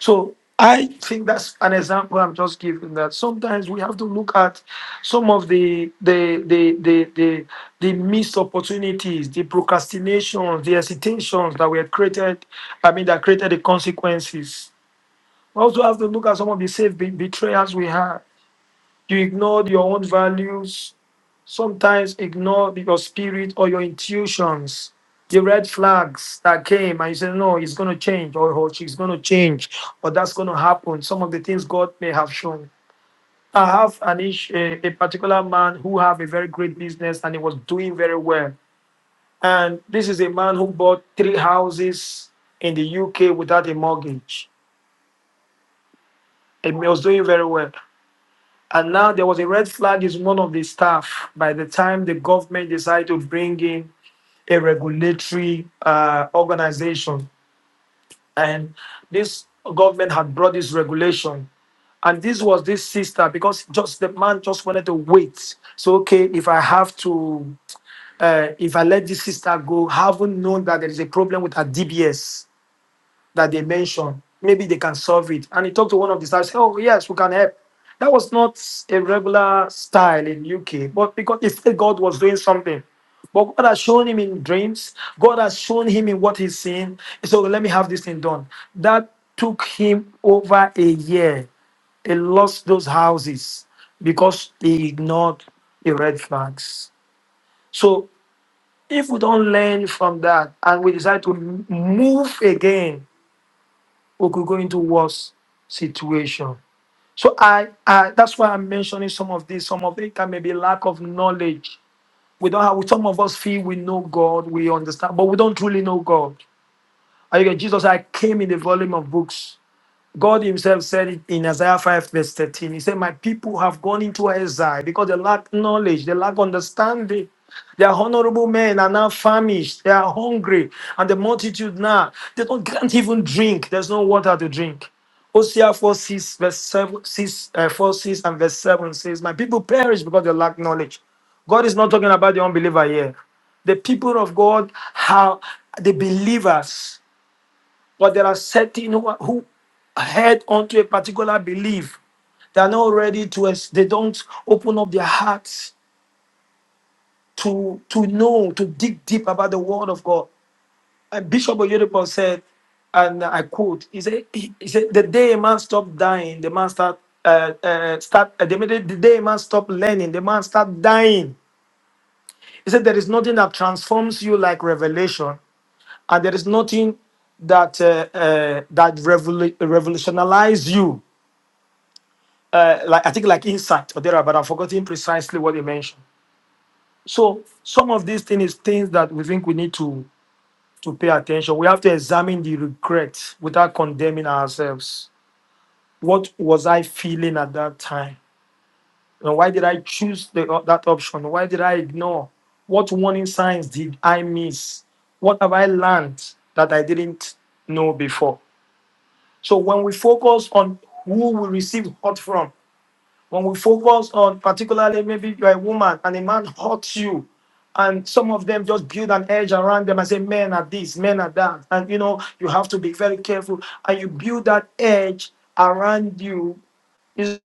Speaker 7: So I think that's an example I'm just giving that sometimes we have to look at some of the the the the the, the missed opportunities, the procrastinations, the hesitations that were created, I mean that created the consequences. We also have to look at some of the safe be- betrayals we had. You ignored your own values, Sometimes ignore your spirit or your intuitions, the red flags that came, and you say, No, it's going to change, or "Oh, she's going to change, or that's going to happen. Some of the things God may have shown. I have an ish a a particular man who have a very great business and he was doing very well. And this is a man who bought three houses in the UK without a mortgage. And he was doing very well. And now there was a red flag is one of the staff. By the time the government decided to bring in a regulatory uh, organization, and this government had brought this regulation. And this was this sister because just the man just wanted to wait. So okay, if I have to, uh, if I let this sister go, having known that there is a problem with her DBS, that they mentioned. Maybe they can solve it. And he talked to one of the staff, said, Oh, yes, we can help. That was not a regular style in UK, but because he felt God was doing something. But God has shown him in dreams, God has shown him in what he's seen. So let me have this thing done. That took him over a year. He lost those houses because he ignored the red flags. So if we don't learn from that and we decide to m- move again we could go into worse situation. So I, I that's why I'm mentioning some of this. Some of it can maybe lack of knowledge. We don't have some of us feel we know God, we understand, but we don't truly know God. I Jesus, I came in the volume of books. God Himself said it in Isaiah 5, verse 13. He said, My people have gone into exile because they lack knowledge, they lack understanding. Their honorable men are now famished, they are hungry, and the multitude now, they don't, can't even drink. There's no water to drink. Hosea 4, 6, verse 7, 6, uh, 4, 6 and verse 7 says, My people perish because they lack knowledge. God is not talking about the unbeliever here. The people of God are the believers but there are certain who, are- who head onto a particular belief. They are not ready to, ex- they don't open up their hearts to, to know, to dig deep about the word of God. And Bishop Oyedepo said, and I quote, he said, he he said, the day a man stopped dying, the man start, uh, uh, start uh, the, minute- the day a man stopped learning, the man start dying. He said, there is nothing that transforms you like revelation, and there is nothing that uh, uh, that revolu- revolutionizes you uh, like I think like insight or there, but I'm forgetting precisely what they mentioned. So some of these things is things that we think we need to to pay attention. We have to examine the regret without condemning ourselves. What was I feeling at that time? And why did I choose the, uh, that option? Why did I ignore? What warning signs did I miss? What have I learned that I didn't know before? So when we focus on who we receive hurt from, When we focus on particularly maybe you're a woman and a man hurts you, and some of them just build an edge around them and say, men are this, men are that. And you know, you have to be very careful. And you build that edge around you is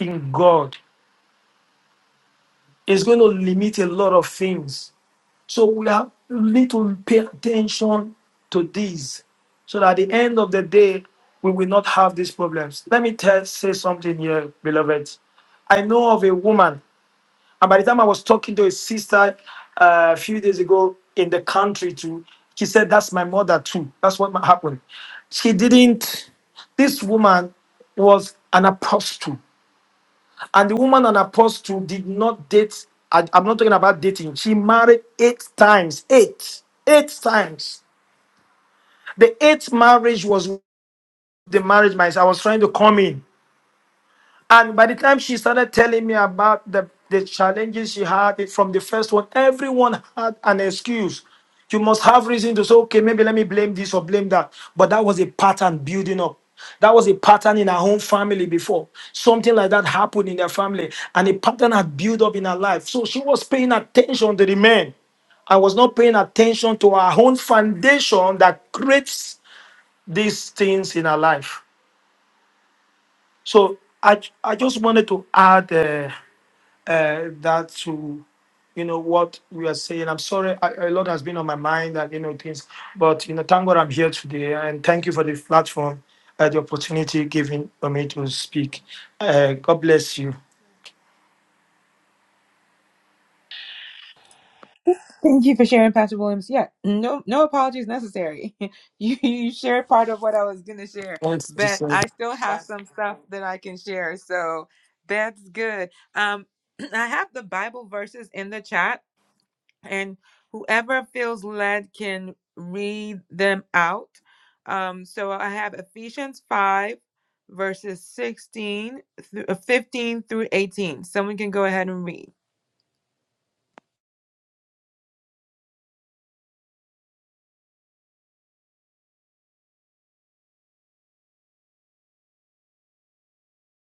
Speaker 7: in God. It's going to limit a lot of things. So we have we need to pay attention to these so that at the end of the day, we will not have these problems. Let me tell, say something here, beloved. I know of a woman And by the time I was talking to his sister uh, a few days ago in the country too, she said, That's my mother too. That's what ma- happened. She didn't, this woman was an apostle. And the woman, an apostle, did not date. I, I'm not talking about dating. She married eight times. Eight. Eight times. The eighth marriage was the marriage myself. I was trying to come in. And by the time she started telling me about the, the challenges she had it from the first one, everyone had an excuse. You must have reason to say, okay, maybe let me blame this or blame that. But that was a pattern building up. That was a pattern in her own family before. Something like that happened in their family, and a pattern had built up in her life. So she was paying attention to the men. I was not paying attention to her own foundation that creates these things in her life. So I, I just wanted to add uh, uh, that to you know what we are saying. I'm sorry, I, a lot has been on my mind and you know things, but you know, thank God I'm here today, and thank you for the platform, uh, the opportunity given for me to speak. Uh, God bless you.
Speaker 1: Thank you for sharing, Pastor Williams. Yeah. No no apologies necessary. *laughs* you you shared part of what I was gonna share,
Speaker 7: Thanks,
Speaker 1: but
Speaker 7: Jesus.
Speaker 1: I still have some stuff that I can share. So that's good. Um, *clears throat* I have the Bible verses in the chat. and whoever feels led can read them out. Um, so I have Ephesians 5, verses 16 through, uh, 15 through 18. Someone can go ahead and read.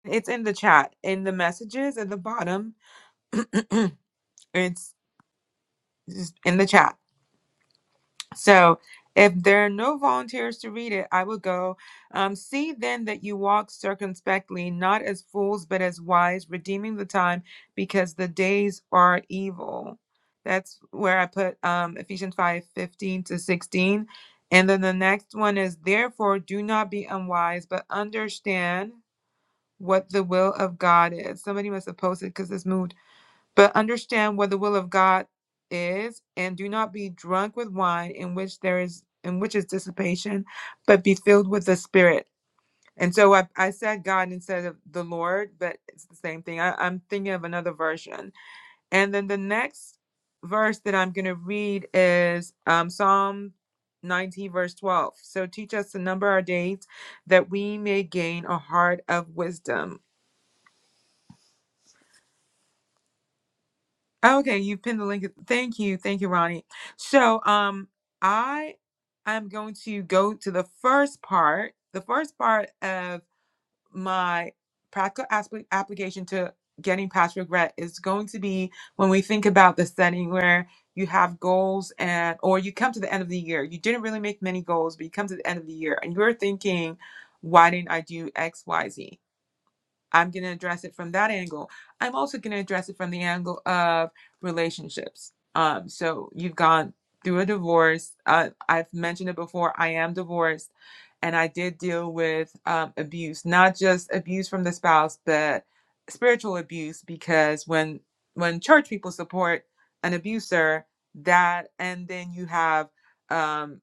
Speaker 1: It's in the chat, in the messages at the bottom. It's just in the chat. So if there are no volunteers to read it, I will go. Um, see then that you walk circumspectly, not as fools, but as wise, redeeming the time because the days are evil. That's where I put um, Ephesians 5:15 to 16. And then the next one is, therefore, do not be unwise, but understand what the will of God is. Somebody must have posted because this moved but understand what the will of God is, and do not be drunk with wine in which there is in which is dissipation, but be filled with the spirit. And so I, I said God instead of the Lord, but it's the same thing. I, I'm thinking of another version. And then the next verse that I'm going to read is um, Psalm 90, verse 12. So teach us to number our days that we may gain a heart of wisdom. Okay, you've pinned the link. Thank you. Thank you, Ronnie. So um I am going to go to the first part, the first part of my practical aspect application to getting past regret is going to be when we think about the setting where you have goals and or you come to the end of the year. You didn't really make many goals, but you come to the end of the year and you're thinking, why didn't I do XYZ? I'm going to address it from that angle. I'm also going to address it from the angle of relationships. Um, so you've gone through a divorce. Uh, I've mentioned it before. I am divorced, and I did deal with um, abuse, not just abuse from the spouse, but spiritual abuse. Because when when church people support an abuser, that and then you have um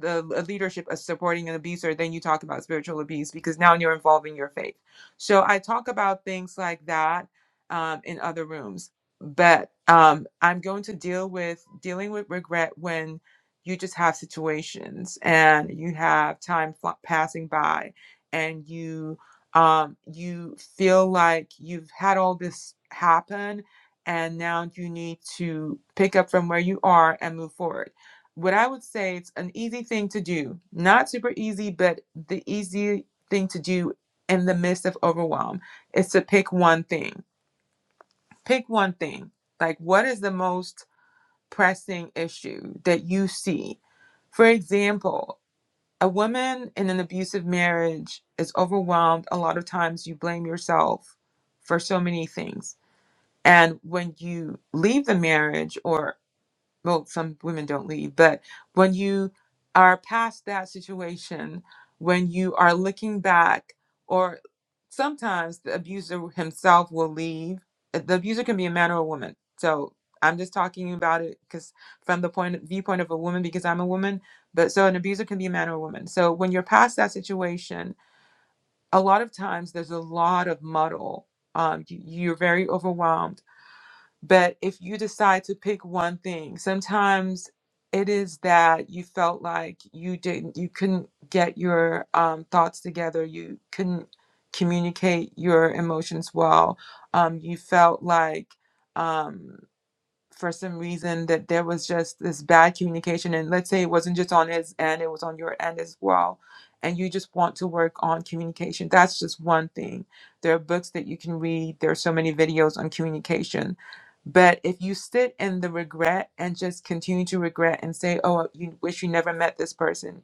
Speaker 1: the leadership as supporting an abuser, then you talk about spiritual abuse because now you're involving your faith. So I talk about things like that um, in other rooms, but um, I'm going to deal with dealing with regret when you just have situations and you have time fl- passing by and you um, you feel like you've had all this happen and now you need to pick up from where you are and move forward what I would say it's an easy thing to do. Not super easy, but the easy thing to do in the midst of overwhelm is to pick one thing. Pick one thing. Like what is the most pressing issue that you see? For example, a woman in an abusive marriage is overwhelmed. A lot of times you blame yourself for so many things. And when you leave the marriage or well, some women don't leave, but when you are past that situation, when you are looking back, or sometimes the abuser himself will leave. Uh, The abuser can be a man or a woman. So I'm just talking about it because from the point viewpoint of a woman, because I'm a woman. But so an abuser can be a man or a woman. So when you're past that situation, a lot of times there's a lot of muddle. Um, you, you're very overwhelmed but if you decide to pick one thing, sometimes it is that you felt like you didn't, you couldn't get your um, thoughts together, you couldn't communicate your emotions well, um, you felt like um, for some reason that there was just this bad communication and let's say it wasn't just on his end it was on your end as well and you just want to work on communication that's just one thing there are books that you can read there are so many videos on communication but if you sit in the regret and just continue to regret and say oh you wish you never met this person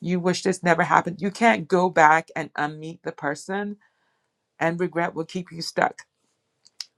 Speaker 1: you wish this never happened you can't go back and unmeet the person and regret will keep you stuck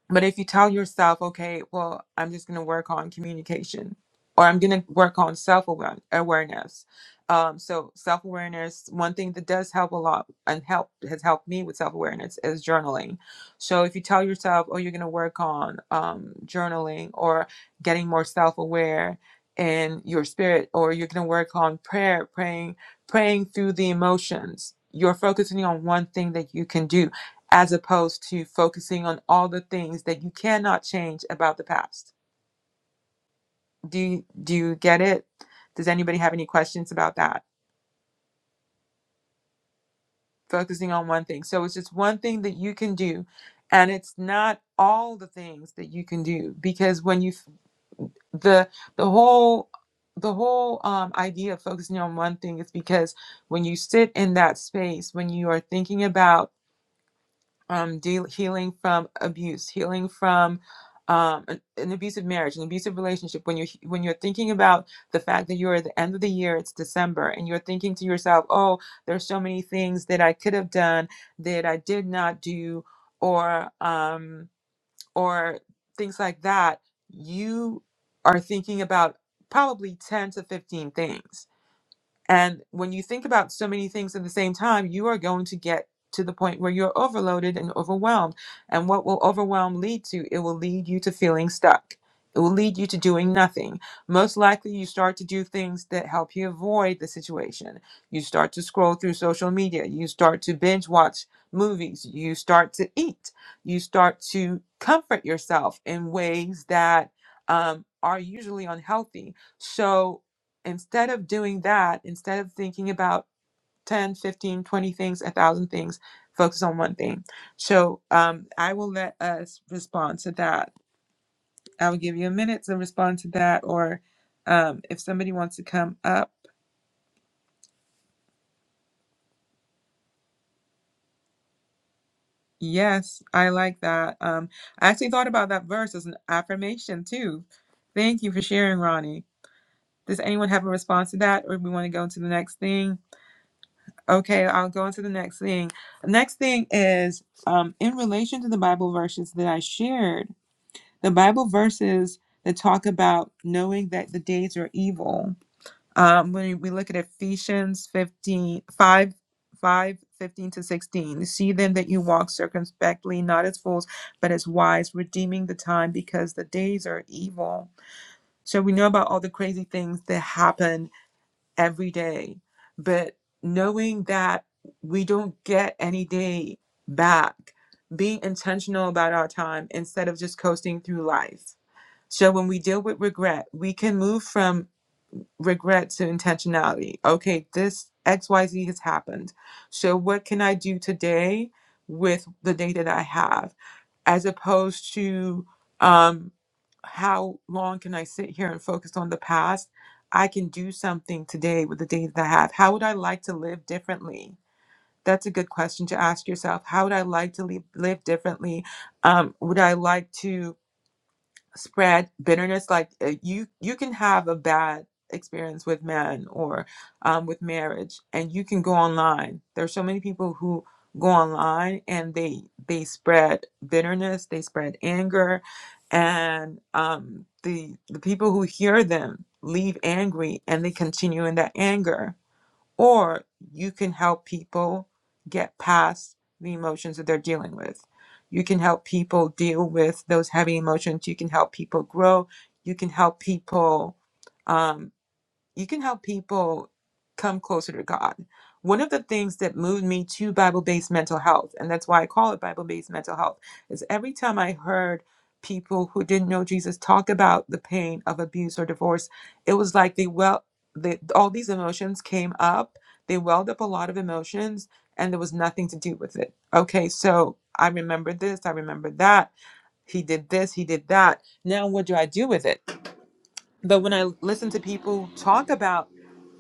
Speaker 1: but if you tell yourself, okay, well, I'm just going to work on communication or I'm going to work on self awareness. Um, so, self awareness, one thing that does help a lot and help has helped me with self awareness is journaling. So, if you tell yourself, oh, you're going to work on um, journaling or getting more self aware in your spirit, or you're going to work on prayer, praying, praying through the emotions, you're focusing on one thing that you can do as opposed to focusing on all the things that you cannot change about the past. Do you, do you get it? Does anybody have any questions about that? Focusing on one thing. So it's just one thing that you can do and it's not all the things that you can do because when you f- the the whole the whole um, idea of focusing on one thing is because when you sit in that space when you are thinking about um, deal, healing from abuse, healing from um, an, an abusive marriage, an abusive relationship. When you're when you're thinking about the fact that you're at the end of the year, it's December, and you're thinking to yourself, "Oh, there's so many things that I could have done that I did not do," or um, or things like that. You are thinking about probably ten to fifteen things and when you think about so many things at the same time, you are going to get to the point where you're overloaded and overwhelmed. And what will overwhelm lead to? It will lead you to feeling stuck. It will lead you to doing nothing. Most likely, you start to do things that help you avoid the situation. You start to scroll through social media. You start to binge watch movies. You start to eat. You start to comfort yourself in ways that um, are usually unhealthy. So, instead of doing that, instead of thinking about 10, 15, 20 things, a thousand things, focus on one thing. So um, I will let us respond to that. I will give you a minute to respond to that. Or um, if somebody wants to come up, yes, I like that. Um, I actually thought about that verse as an affirmation too. Thank you for sharing, Ronnie. Does anyone have a response to that, or we want to go into the next thing? Okay, I'll go into the next thing. Next thing is um, in relation to the Bible verses that I shared, the Bible verses that talk about knowing that the days are evil. Um, when we look at Ephesians 15, 5, 5, 15 to 16, see then that you walk circumspectly, not as fools, but as wise, redeeming the time because the days are evil. So we know about all the crazy things that happen every day. But knowing that we don't get any day back, being intentional about our time instead of just coasting through life. So when we deal with regret, we can move from regret to intentionality. Okay, this XYZ has happened. So what can I do today with the day that I have? As opposed to, um, how long can I sit here and focus on the past? I can do something today with the days that I have. How would I like to live differently? That's a good question to ask yourself. How would I like to live, live differently? Um, would I like to? spread bitterness like uh, you you can have a bad experience with men or um, with marriage and you can go online there's so many people who go online and they they spread bitterness they spread anger and um, the the people who hear them leave angry and they continue in that anger or you can help people get past the emotions that they're dealing with. You can help people deal with those heavy emotions. You can help people grow. You can help people. um, you can help people come closer to God. One of the things that moved me to Bible based mental health, and that's why I call it Bible based mental health, is every time I heard people who didn't know Jesus talk about the pain of abuse or divorce, it was like they well, they, all these emotions came up, they welled up a lot of emotions, and there was nothing to do with it. Okay, so I remember this, I remember that, he did this, he did that. Now, what do I do with it? But when I listen to people talk about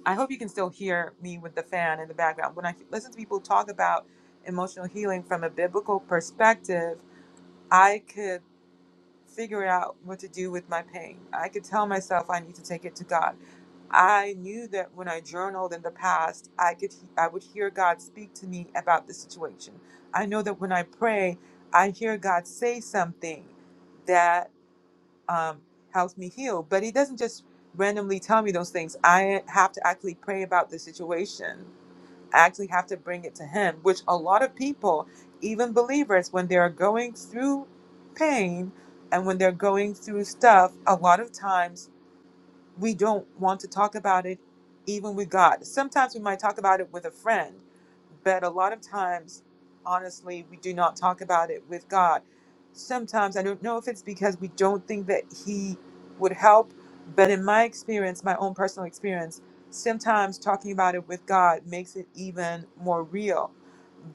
Speaker 1: I hope you can still hear me with the fan in the background. When I listen to people talk about emotional healing from a biblical perspective, I could figure out what to do with my pain. I could tell myself I need to take it to God. I knew that when I journaled in the past, I could I would hear God speak to me about the situation. I know that when I pray, I hear God say something that um, helps me heal. But He doesn't just randomly tell me those things. I have to actually pray about the situation. I actually have to bring it to Him, which a lot of people, even believers, when they're going through pain and when they're going through stuff, a lot of times we don't want to talk about it even with God. Sometimes we might talk about it with a friend, but a lot of times, honestly, we do not talk about it with God. Sometimes I don't know if it's because we don't think that He would help, but in my experience, my own personal experience, sometimes talking about it with God makes it even more real.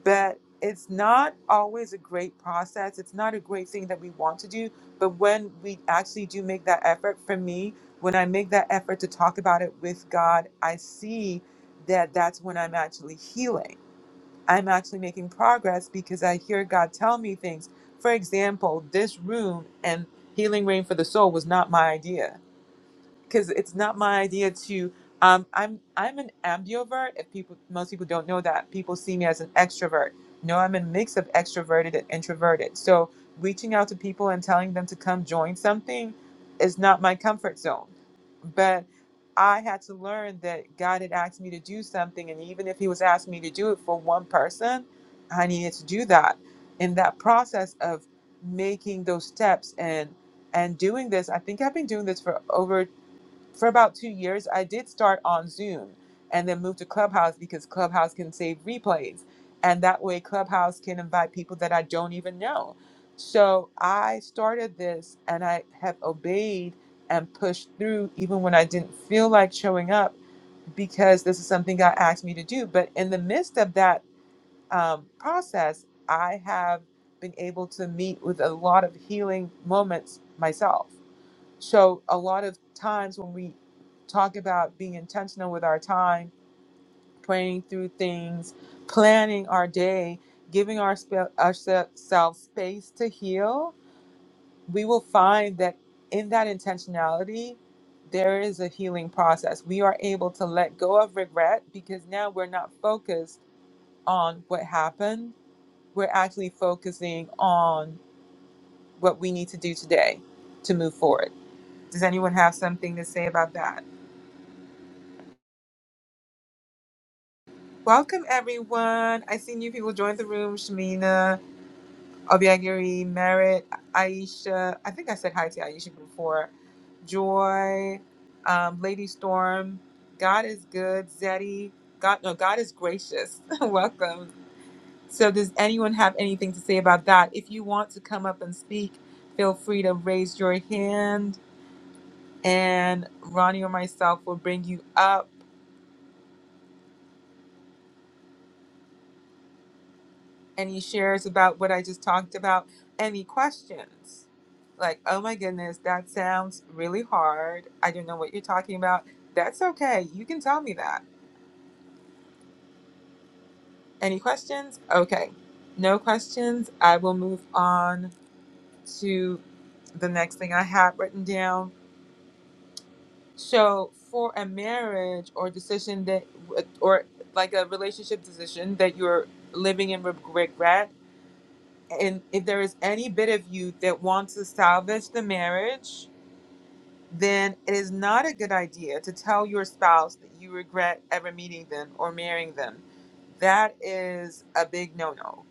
Speaker 1: But it's not always a great process. It's not a great thing that we want to do. But when we actually do make that effort, for me, when I make that effort to talk about it with God, I see that that's when I'm actually healing. I'm actually making progress because I hear God tell me things. For example, this room and healing rain for the soul was not my idea because it's not my idea to um, I'm I'm an ambivert. If people most people don't know that, people see me as an extrovert. No, I'm a mix of extroverted and introverted. So reaching out to people and telling them to come join something is not my comfort zone. But I had to learn that God had asked me to do something, and even if He was asking me to do it for one person, I needed to do that. In that process of making those steps and and doing this, I think I've been doing this for over for about two years, I did start on Zoom and then moved to Clubhouse because Clubhouse can save replays. And that way, Clubhouse can invite people that I don't even know. So I started this and I have obeyed and pushed through even when I didn't feel like showing up because this is something God asked me to do. But in the midst of that um, process, I have been able to meet with a lot of healing moments myself. So a lot of times when we talk about being intentional with our time, praying through things, planning our day, giving our spe- ourselves space to heal, we will find that in that intentionality, there is a healing process. We are able to let go of regret because now we're not focused on what happened. We're actually focusing on what we need to do today to move forward. Does anyone have something to say about that? Welcome, everyone. I see new people join the room. Shamina, Obiagiri, Merritt, Aisha. I think I said hi to Aisha before. Joy, um, Lady Storm. God is good. Zeddy. God, no, God is gracious. *laughs* Welcome. So, does anyone have anything to say about that? If you want to come up and speak, feel free to raise your hand, and Ronnie or myself will bring you up. any shares about what I just talked about, any questions. Like, oh my goodness, that sounds really hard. I don't know what you're talking about. That's okay. You can tell me that. Any questions? Okay. No questions. I will move on to the next thing I have written down. So, for a marriage or decision that, or like a relationship decision that you're living in regret, and if there is any bit of you that wants to salvage the marriage, then it is not a good idea to tell your spouse that you regret ever meeting them or marrying them. That is a big no no.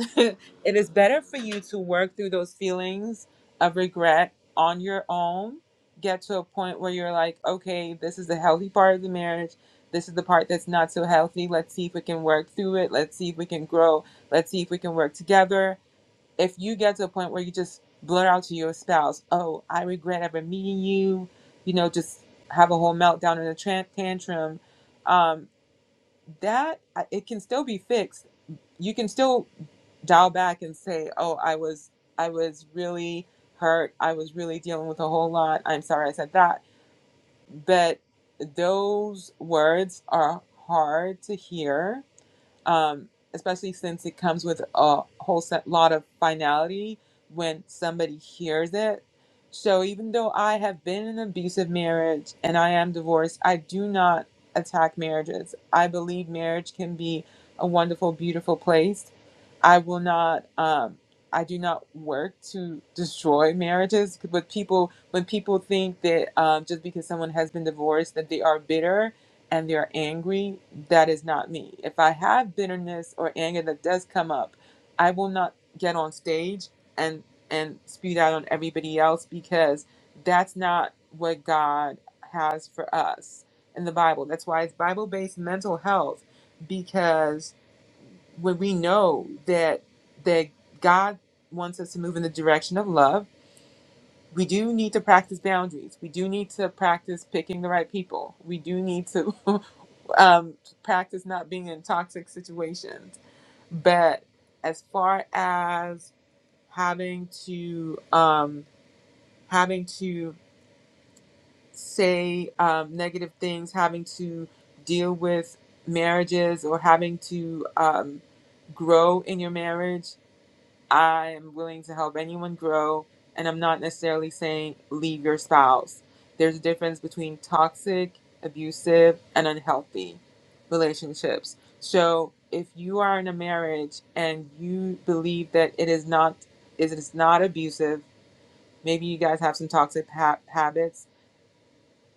Speaker 1: *laughs* it is better for you to work through those feelings of regret on your own, get to a point where you're like, okay, this is the healthy part of the marriage. This is the part that's not so healthy. Let's see if we can work through it. Let's see if we can grow. Let's see if we can work together if you get to a point where you just blurt out to your spouse, "Oh, I regret ever meeting you," you know, just have a whole meltdown and a tran- tantrum, um, that uh, it can still be fixed. You can still dial back and say, "Oh, I was, I was really hurt. I was really dealing with a whole lot. I'm sorry I said that." But those words are hard to hear um, especially since it comes with a whole set lot of finality when somebody hears it. So even though I have been in an abusive marriage and I am divorced, I do not attack marriages. I believe marriage can be a wonderful, beautiful place. I will not. Um, I do not work to destroy marriages. With people, when people think that um, just because someone has been divorced that they are bitter, and they're angry, that is not me. If I have bitterness or anger that does come up, I will not get on stage and and spew that on everybody else because that's not what God has for us in the Bible. That's why it's Bible-based mental health because when we know that that God wants us to move in the direction of love, we do need to practice boundaries. We do need to practice picking the right people. We do need to *laughs* um, practice not being in toxic situations. But as far as having to um, having to say um, negative things, having to deal with marriages, or having to um, grow in your marriage, I am willing to help anyone grow, and I'm not necessarily saying leave your spouse. There's a difference between toxic, abusive, and unhealthy relationships. So if you are in a marriage and you believe that it is not is it is not abusive, maybe you guys have some toxic ha- habits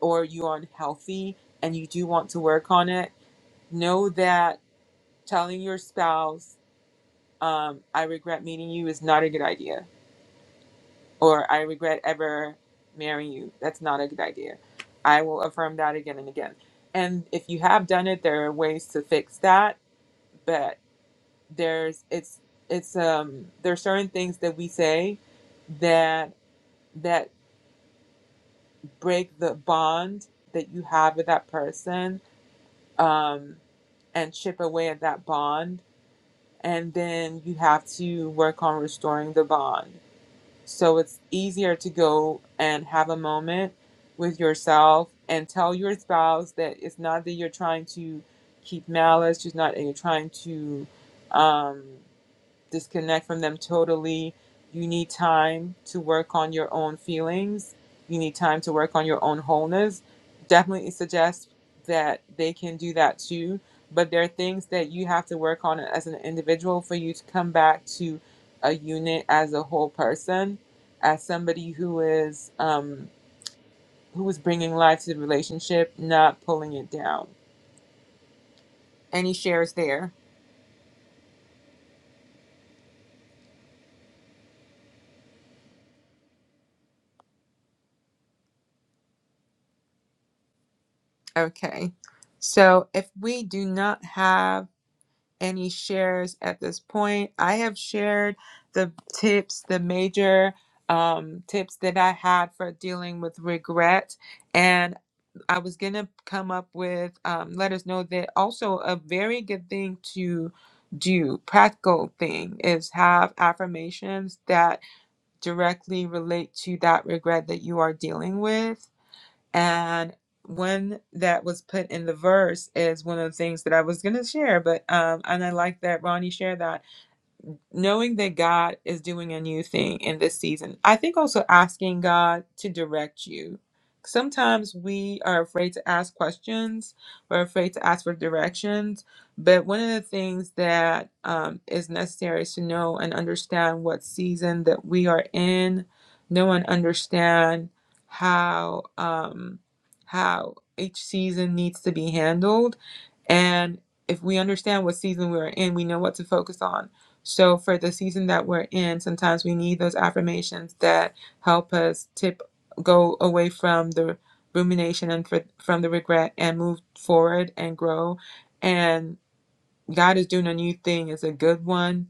Speaker 1: or you are unhealthy and you do want to work on it, know that telling your spouse um, I regret meeting you is not a good idea or I regret ever marrying you. That's not a good idea. I will affirm that again and again. And if you have done it, there are ways to fix that, but there's it's it's um there are certain things that we say that that break the bond that you have with that person um and chip away at that bond and then you have to work on restoring the bond So it's easier to go and have a moment with yourself and tell your spouse that it's not that you're trying to keep malice, it's not that you're trying to. Um, disconnect from them totally. You need time to work on your own feelings. You need time to work on your own wholeness. Definitely suggest that they can do that too. But there are things that you have to work on as an individual for you to come back to a unit as a whole person, as somebody who is um, who is bringing life to the relationship, not pulling it down. Any shares there? Okay. So if we do not have any shares at this point. I have shared the tips, the major um, tips that I had for dealing with regret. And I was going to come up with, um, let us know that also a very good thing to do, practical thing, is have affirmations that directly relate to that regret that you are dealing with. And one that was put in the verse is one of the things that I was going to share, but um, and I like that Ronnie shared that knowing that God is doing a new thing in this season. I think also asking God to direct you. Sometimes we are afraid to ask questions, we're afraid to ask for directions. But one of the things that um, is necessary is to know and understand what season that we are in, know and understand how um, how each season needs to be handled and if we understand what season we're in, we know what to focus on. So, for the season that we're in, sometimes we need those affirmations that help us tip, go away from the rumination and for, from the regret and move forward and grow. And God is doing a new thing, it's a good one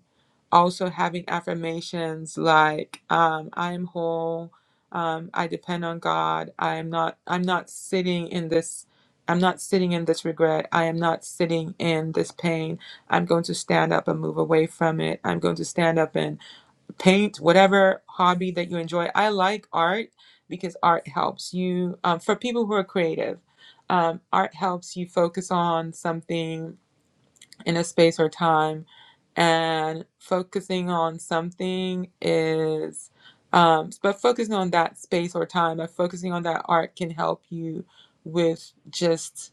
Speaker 1: also having affirmations like um, i am whole um, i depend on god i am not i'm not sitting in this i'm not sitting in this regret i am not sitting in this pain i'm going to stand up and move away from it i'm going to stand up and paint whatever hobby that you enjoy i like art because art helps you um, for people who are creative um, art helps you focus on something in a space or time and focusing on something is um, but focusing on that space or time but focusing on that art can help you with just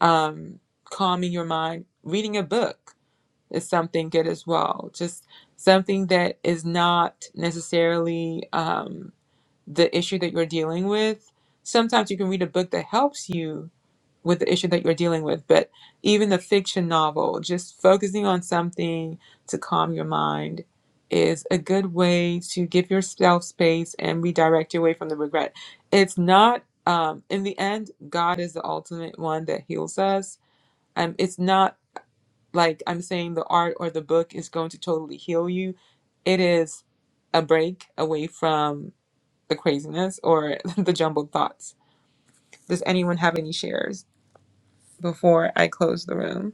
Speaker 1: um, calming your mind reading a book is something good as well just something that is not necessarily um, the issue that you're dealing with sometimes you can read a book that helps you with the issue that you're dealing with, but even the fiction novel, just focusing on something to calm your mind is a good way to give yourself space and redirect your way from the regret. It's not, um, in the end, God is the ultimate one that heals us. Um, it's not like I'm saying the art or the book is going to totally heal you. It is a break away from the craziness or *laughs* the jumbled thoughts. Does anyone have any shares before I close the room?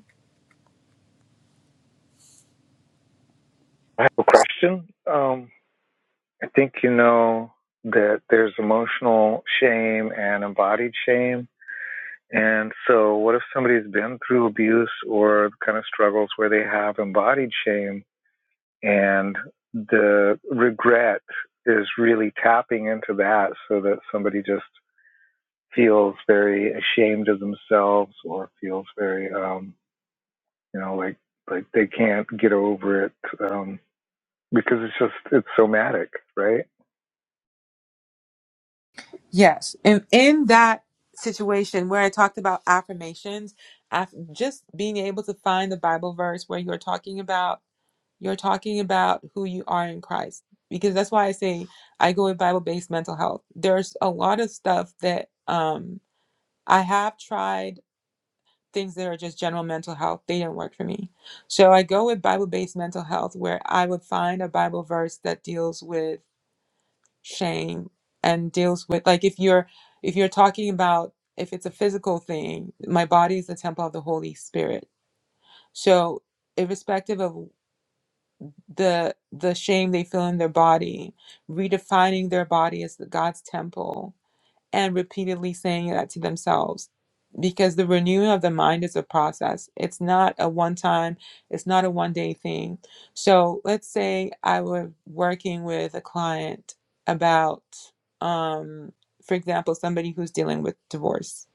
Speaker 6: I have a question. Um, I think you know that there's emotional shame and embodied shame And so, what if somebody's been through abuse or kind of struggles where they have embodied shame and the regret is really tapping into that so that somebody just feels very ashamed of themselves or feels very, um, you know, like, like they can't get over it um, because it's just, it's somatic, right?
Speaker 1: Yes. And in that situation where I talked about affirmations, af- just being able to find the Bible verse where you're talking about you're talking about who you are in Christ. Because that's why I say I go with Bible based mental health. There's a lot of stuff that um I have tried things that are just general mental health. They didn't work for me. So I go with Bible based mental health where I would find a Bible verse that deals with shame and deals with like if you're if you're talking about if it's a physical thing my body is the temple of the holy spirit so irrespective of the the shame they feel in their body redefining their body as the god's temple and repeatedly saying that to themselves because the renewing of the mind is a process it's not a one time it's not a one day thing so let's say i were working with a client about um for example somebody who's dealing with divorce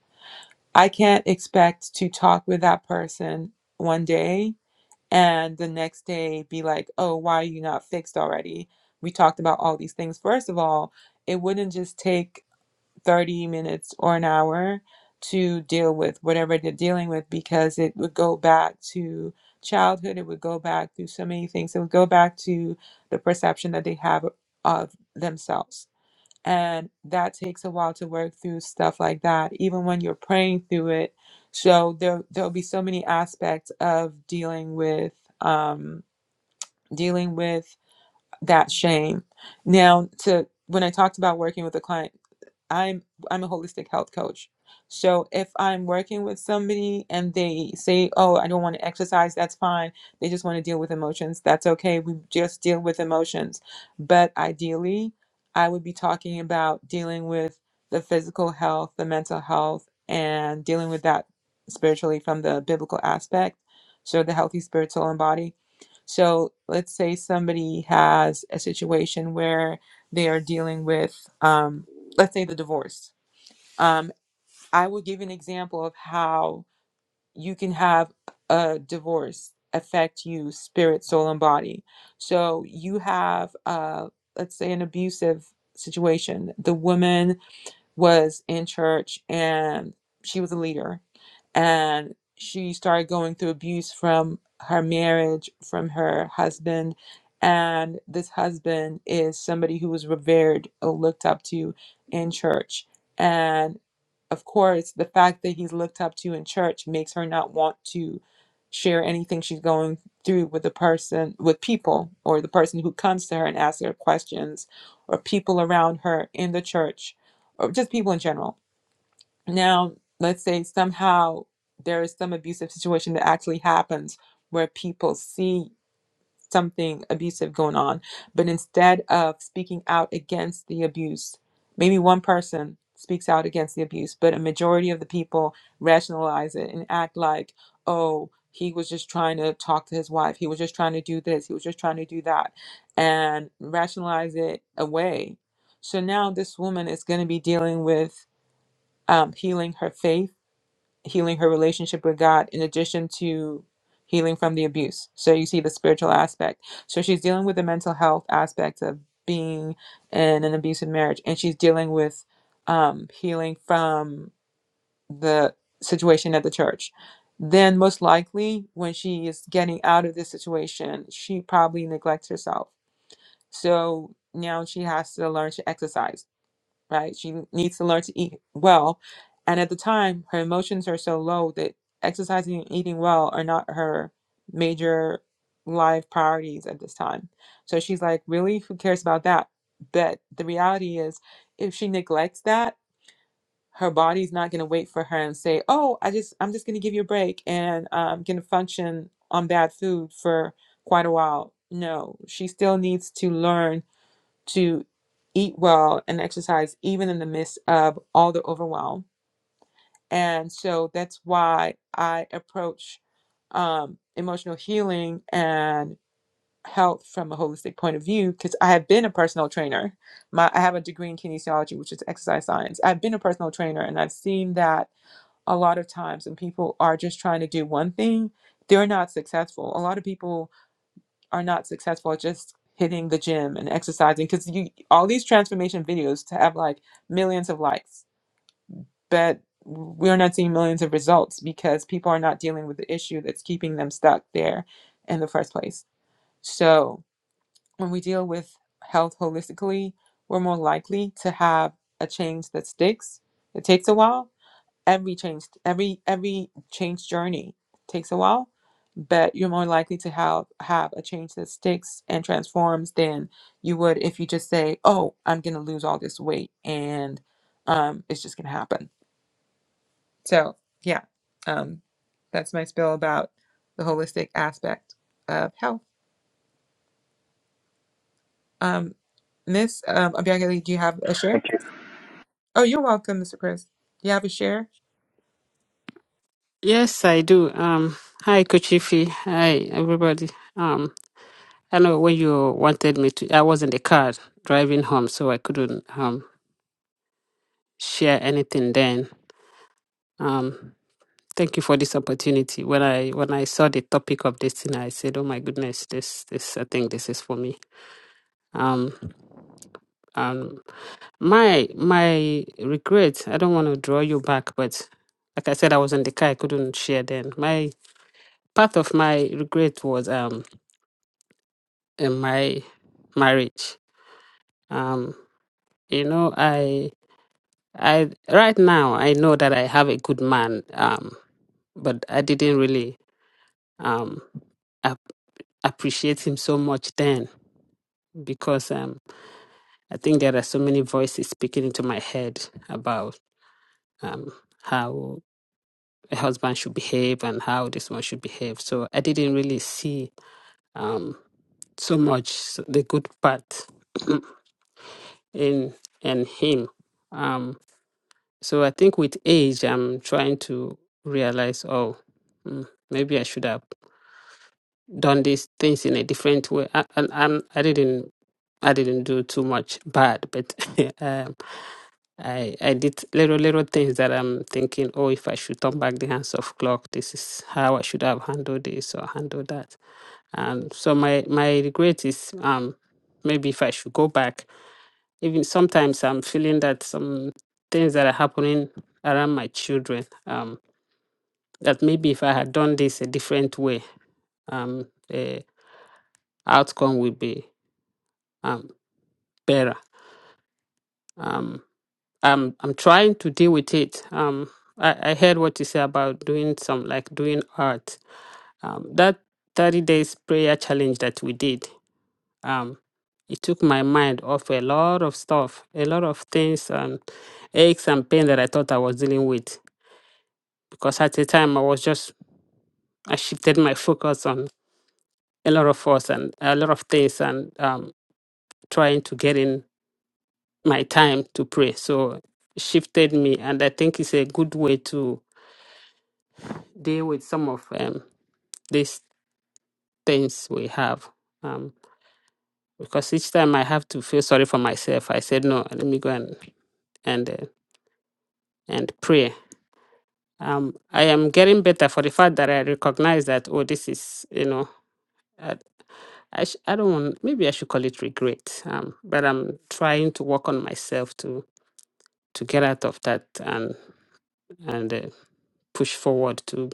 Speaker 1: i can't expect to talk with that person one day and the next day be like oh why are you not fixed already we talked about all these things first of all it wouldn't just take 30 minutes or an hour to deal with whatever they're dealing with because it would go back to childhood. It would go back through so many things. It would go back to the perception that they have of themselves. And that takes a while to work through stuff like that, even when you're praying through it. So there there'll be so many aspects of dealing with um, dealing with that shame. Now to when I talked about working with a client I'm I'm a holistic health coach. So if I'm working with somebody and they say, "Oh, I don't want to exercise," that's fine. They just want to deal with emotions. That's okay. We just deal with emotions. But ideally, I would be talking about dealing with the physical health, the mental health, and dealing with that spiritually from the biblical aspect. So the healthy spirit, soul, and body. So let's say somebody has a situation where they are dealing with. um, let's say the divorce. Um, I will give an example of how you can have a divorce affect you spirit, soul, and body. So you have, uh, let's say, an abusive situation. The woman was in church and she was a leader, and she started going through abuse from her marriage, from her husband. And this husband is somebody who was revered or looked up to in church and of course, the fact that he's looked up to in church makes her not want to share anything she's going through with the person, with people, or the person who comes to her and asks her questions, or people around her in the church, or just people in general. Now, let's say somehow there is some abusive situation that actually happens where people see something abusive going on. But instead of speaking out against the abuse, maybe one person speaks out against the abuse, but a majority of the people rationalize it and act like, oh, he was just trying to talk to his wife. He was just trying to do this. He was just trying to do that and rationalize it away. So now this woman is going to be dealing with um, healing her faith healing her relationship with God in addition to healing from the abuse. So you see the spiritual aspect. So she's dealing with the mental health aspect of being in an abusive marriage, and she's dealing with um, healing from the situation at the church. Then, most likely, when she is getting out of this situation, she probably neglects herself. So now she has to learn to exercise right? She needs to learn to eat well. And at the time, her emotions are so low that exercising and eating well are not her major life priorities at this time. So she's like, really? Who cares about that? But the reality is, if she neglects that, her body's not going to wait for her and say, oh, I just, I'm just going to give you a break and I'm going to function on bad food for quite a while. No, she still needs to learn to eat well and exercise even in the midst of all the overwhelm. And so that's why I approach um, emotional healing and health from a holistic point of view because I have been a personal trainer. My, I have a degree in kinesiology, which is exercise science. I've been a personal trainer and I've seen that a lot of times when people are just trying to do one thing, they're not successful. A lot of people are not successful at just hitting the gym and exercising because you all these transformation videos to have like millions of likes but we're not seeing millions of results because people are not dealing with the issue that's keeping them stuck there in the first place so when we deal with health holistically we're more likely to have a change that sticks it takes a while every change every every change journey takes a while but you're more likely to have have a change that sticks and transforms than you would if you just say oh i'm gonna lose all this weight and um it's just gonna happen so yeah um that's my spill about the holistic aspect of health um miss um Obiageli, do you have a share
Speaker 6: Thank you,
Speaker 1: oh you're welcome mr chris do you have a share
Speaker 8: Yes, I do. Um, hi, Kochifi. Hi, everybody. Um, I know when you wanted me to, I was in the car driving home, so I couldn't um share anything then. Um, thank you for this opportunity. When I when I saw the topic of this thing, I said, "Oh my goodness, this this I think this is for me." Um, um, my my regret. I don't want to draw you back, but like I said, I was in the car. I couldn't share then. My part of my regret was um in my marriage. Um, you know, I I right now I know that I have a good man, um, but I didn't really um ap- appreciate him so much then because um I think there are so many voices speaking into my head about um how a husband should behave and how this one should behave. So I didn't really see um so much the good part in in him. Um, So I think with age, I'm trying to realize, oh, mm, maybe I should have done these things in a different way. I, and I'm, I didn't, I didn't do too much bad, but *laughs* um, I, I did little, little things that I'm thinking, oh, if I should turn back the hands of clock, this is how I should have handled this or handled that. And so my, my regret is, um, maybe if I should go back, even sometimes I'm feeling that some things that are happening around my children. Um, that maybe if I had done this a different way, um, the outcome would be um, better. Um, I'm I'm trying to deal with it. Um, I, I heard what you say about doing some like doing art. Um, that 30 days prayer challenge that we did, um, it took my mind off a lot of stuff, a lot of things and aches and pain that I thought I was dealing with. Because at the time I was just I shifted my focus on a lot of us and a lot of things and um, trying to get in my time to pray. So it shifted me, and I think it's a good way to deal with some of um, these things we have. Um, because each time I have to feel sorry for myself, I said, no, let me go and and uh, and pray. Um, I am getting better for the fact that I recognize that oh, this is you know. I, I, sh- I don't want maybe I should call it regret um but I'm trying to work on myself to to get out of that and and uh, push forward to.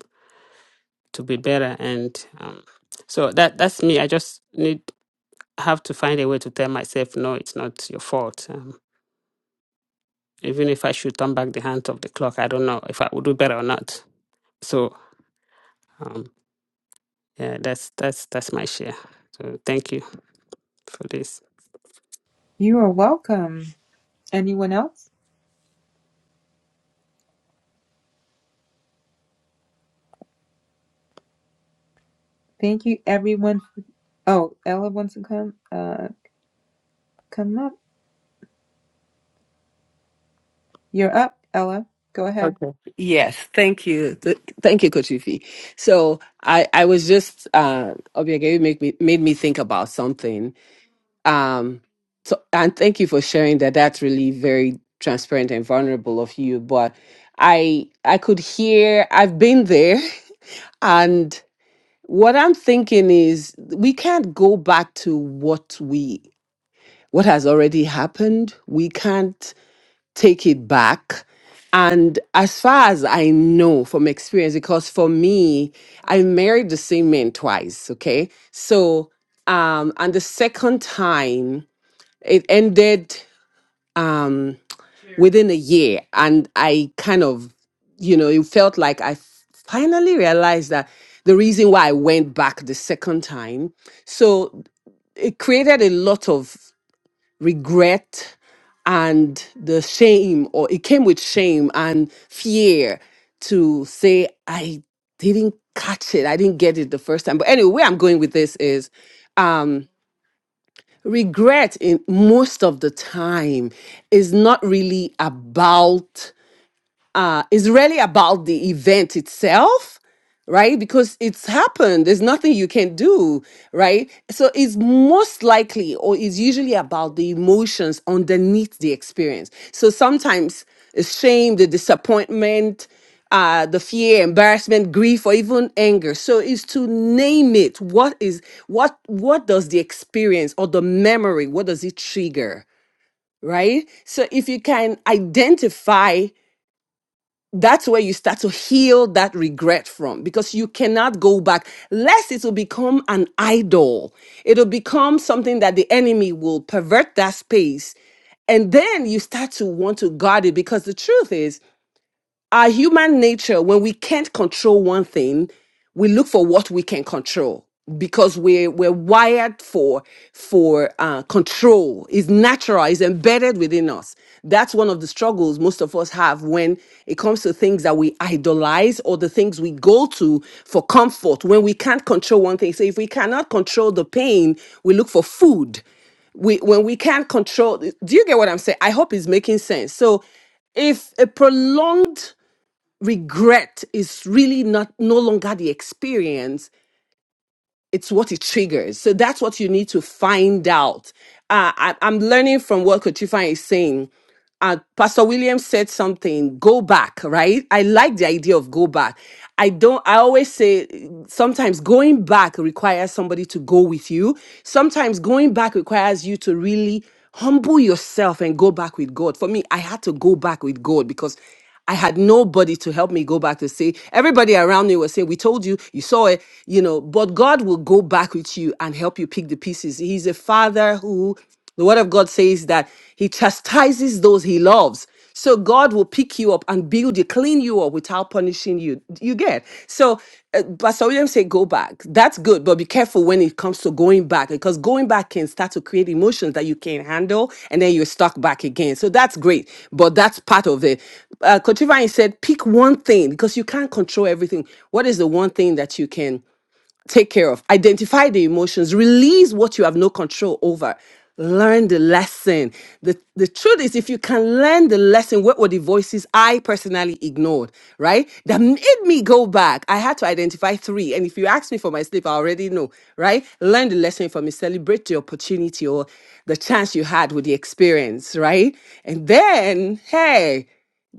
Speaker 8: to be better and um, so that that's me i just need have to find a way to tell myself no it's not your fault um, even if i should turn back the hand of the clock i don't know if i would do better or not so um, yeah that's that's that's my share so thank you for this
Speaker 1: you are welcome anyone else thank you everyone Oh, Ella wants to come. Uh, come up. You're up, Ella. Go ahead.
Speaker 5: Okay. Yes. Thank you. Th- thank you, Coach Ify. So I, I was just, uh, Obiageli make me, made me think about something. Um, so, and thank you for sharing that. That's really very transparent and vulnerable of you. But I, I could hear, I've been there. *laughs* and. what I'm thinking is we can't go back to what we what has already happened. We can't take it back. And as far as I know from experience, because for me, I married the same man twice, okay? So um and the second time it ended um within a year. And I kind of, you know, it felt like I f- finally realized that the reason why I went back the second time. So it created a lot of regret and the shame, or it came with shame and fear to say, I didn't catch it. I didn't get it the first time. But anyway, where I'm going with this is um regret in most of the time is not really about uh, is really about the event itself, right? Because it's happened. There's nothing you can do, right? So it's most likely or it's usually about the emotions underneath the experience. So sometimes it's shame, the disappointment, uh, the fear, embarrassment, grief, or even anger. So is to name it. What is what what does the experience or the memory, what does it trigger? Right? So if you can identify that's where you start to heal that regret from because you cannot go back lest it will become an idol it'll become something that the enemy will pervert that space and then you start to want to guard it because the truth is our human nature, when we can't control one thing, we look for what we can control because we're we're wired for for uh, control. It's natural. It's embedded within us. That's one of the struggles most of us have when it comes to things that we idolize or the things we go to for comfort. When we can't control one thing, so if we cannot control the pain, we look for food we when we can't control do you get what i'm saying i hope it's making sense so if a prolonged regret is really not no longer the experience it's what it triggers so that's what you need to find out uh, I, i'm learning from what kochifa is saying uh, pastor william said something go back right i like the idea of go back i don't i always say sometimes going back requires somebody to go with you sometimes going back requires you to really humble yourself and go back with god for me i had to go back with god because I had nobody to help me go back to say, everybody around me was saying, We told you, you saw it, you know, but God will go back with you and help you pick the pieces. He's a father who, the word of God says that he chastises those he loves. So God will pick you up and build you, clean you up without punishing you you get. So, uh, but some of them say go back. That's good, but be careful when it comes to going back because going back can start to create emotions that you can't handle, and then you're stuck back again. So that's great, but that's part of it. Uh, Coach Ifeanyi said pick one thing because you can't control everything. What is the one thing that you can? take care of. Identify the emotions, release what you have no control over. Learn the lesson. The, the truth is, if you can learn the lesson, what were the voices I personally ignored, right? That made me go back. I had to identify three. And if you ask me for my sleep, I already know, right? Learn the lesson from it, celebrate the opportunity or the chance you had with the experience, right? And then, hey,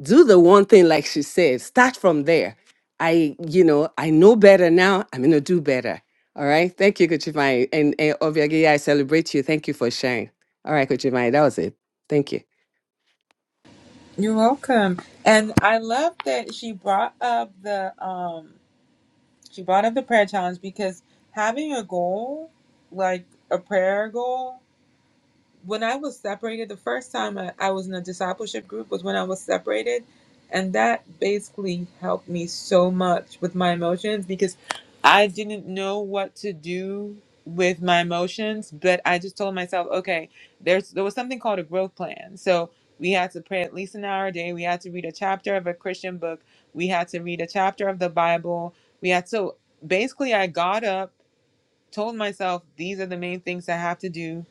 Speaker 5: do the one thing like she said start from there I, you know, I know better now. I'm gonna do better. All right. Thank you, Kuchimai. And, and Obiageli, I celebrate you. Thank you for sharing. All right, Kuchimai, that was it. Thank you.
Speaker 1: You're welcome. And I love that she brought up the um she brought up the prayer challenge because having a goal, like a prayer goal when I was separated, the first time I, I was in a discipleship group was when I was separated. And that basically helped me so much with my emotions because I didn't know what to do with my emotions, but I just told myself, okay, there's there was something called a growth plan. So we had to pray at least an hour a day. We had to read a chapter of a Christian book. We had to read a chapter of the Bible. We had so basically I got up, told myself these are the main things I have to do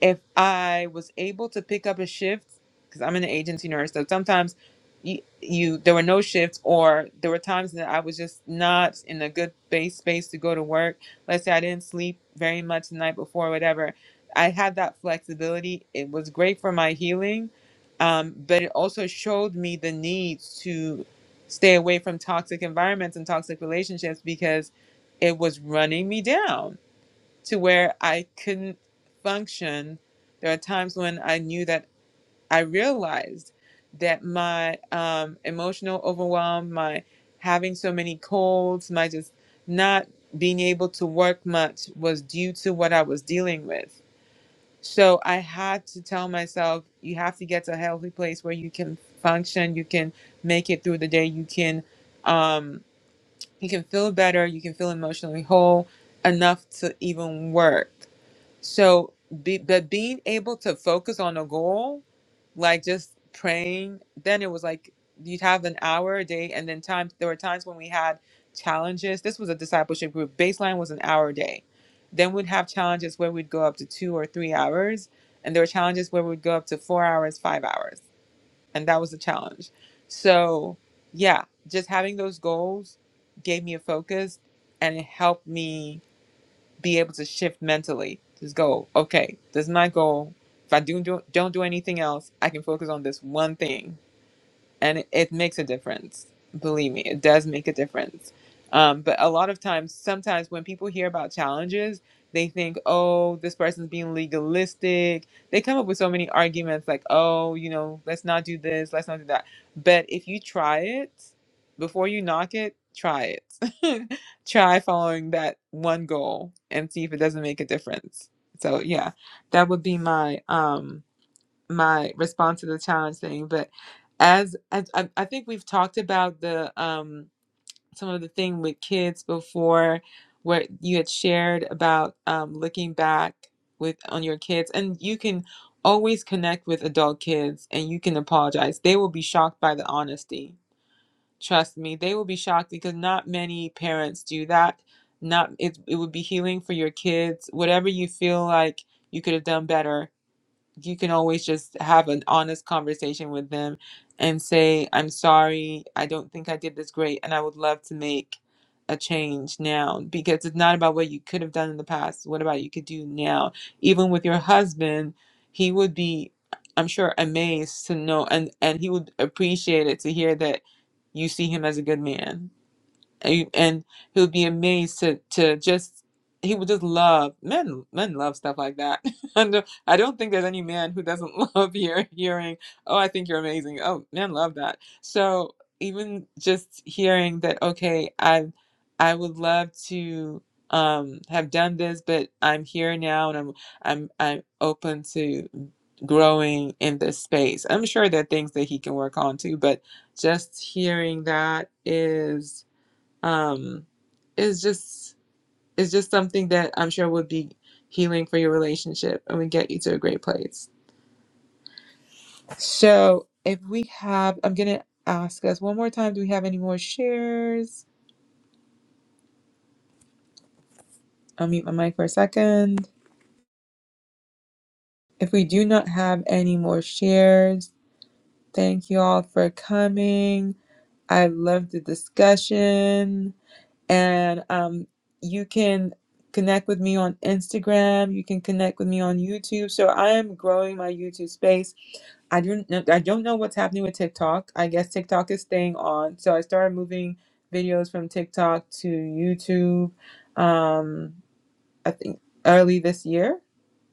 Speaker 1: if I was able to pick up a shift, because I'm an agency nurse, so sometimes you, you there were no shifts, or there were times that I was just not in a good base space to go to work. Let's say I didn't sleep very much the night before, whatever. I had that flexibility. It was great for my healing, um, but it also showed me the need to stay away from toxic environments and toxic relationships because it was running me down to where I couldn't function. There are times when I knew that I realized that my um, emotional overwhelm, my having so many colds, my just not being able to work much was due to what I was dealing with. So I had to tell myself, you have to get to a healthy place where you can function, you can make it through the day, you can um, you can feel better, you can feel emotionally whole enough to even work. So, be, but being able to focus on a goal, like just praying, then it was like you'd have an hour a day, and then times there were times when we had challenges. This was a discipleship group. Baseline was an hour a day. Then we'd have challenges where we'd go up to two or three hours, and there were challenges where we'd go up to four hours, five hours, and that was a challenge. So, yeah, just having those goals gave me a focus, and it helped me be able to shift mentally. Just go, okay, this is my goal. If I do, do don't do anything else, I can focus on this one thing and it, it makes a difference. Believe me, it does make a difference. Um, but a lot of times, sometimes when people hear about challenges, they think, oh, this person's being legalistic. They come up with so many arguments like, oh, you know, let's not do this, let's not do that. But if you try it, before you knock it, try it. *laughs* try following that one goal and see if it doesn't make a difference. So yeah, that would be my um my response to the challenge thing but as, as I, I think we've talked about the um some of the thing with kids before where you had shared about um looking back with on your kids and you can always connect with adult kids and you can apologize they will be shocked by the honesty trust me they will be shocked because not many parents do that not it, it would be healing for your kids whatever you feel like you could have done better you can always just have an honest conversation with them and say, I'm sorry, I don't think I did this great, and I would love to make a change now because it's not about what you could have done in the past, what about you could do now. Even with your husband, he would be, I'm sure, amazed to know and, and he would appreciate it to hear that you see him as a good man and and he would be amazed to to just he would just love men men love stuff like that *laughs* and uh, i don't think there's any man who doesn't *laughs* love hear, hearing oh i think you're amazing oh men love that so even just hearing that okay i i would love to um have done this but i'm here now and i'm i'm i'm open to growing in this space i'm sure there are things that he can work on too but just hearing that is um it's just it's just something that i'm sure would be healing for your relationship and would get you to a great place so if we have i'm gonna ask us one more time do we have any more shares i'll mute my mic for a second if we do not have any more shares thank you all for coming i love the discussion and um, you can connect with me on Instagram. You can connect with me on YouTube. So I am growing my YouTube space. I don't know, I don't know what's happening with TikTok. I guess TikTok is staying on. So I started moving videos from TikTok to YouTube. Um, I think early this year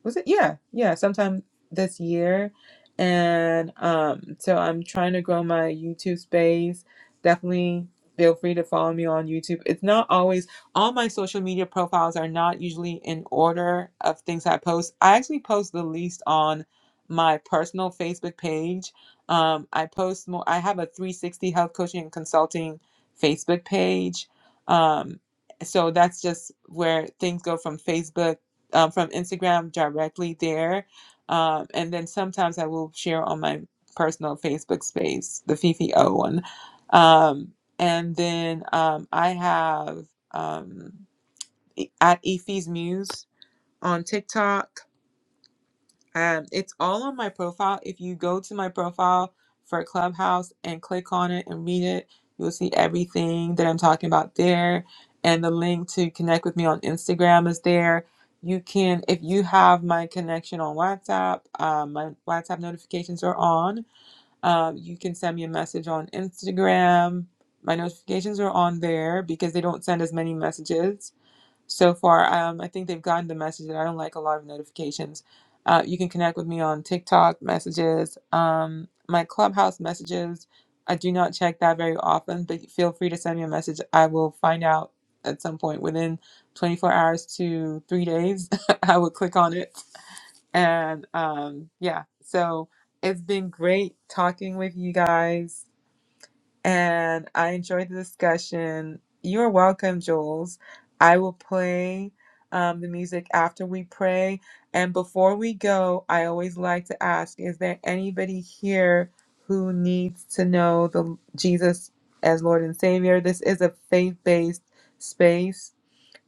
Speaker 1: was it yeah yeah sometime this year and um so i'm trying to grow my youtube space definitely feel free to follow me on youtube it's not always all my social media profiles are not usually in order of things i post i actually post the least on my personal facebook page um, i post more i have a 360 health coaching and consulting facebook page um, so that's just where things go from facebook um, from Instagram directly there. Um, and then sometimes I will share on my personal Facebook space, the Fifi O one. Um, and then um, I have um, e- at Efi's Muse on TikTok. Um, it's all on my profile. If you go to my profile for Clubhouse and click on it and read it, you'll see everything that I'm talking about there. And the link to connect with me on Instagram is there. You can, if you have my connection on WhatsApp, um, my WhatsApp notifications are on. Um, you can send me a message on Instagram. My notifications are on there because they don't send as many messages so far. Um, I think they've gotten the message that I don't like a lot of notifications. Uh, you can connect with me on TikTok messages, um, my Clubhouse messages. I do not check that very often, but feel free to send me a message. I will find out at some point within 24 hours to three days. *laughs* I will click on it. And um, yeah, so it's been great talking with you guys and I enjoyed the discussion. You're welcome, Jules. I will play um, the music after we pray. And before we go, I always like to ask is there anybody here who needs to know the Jesus as Lord and Savior? This is a faith based space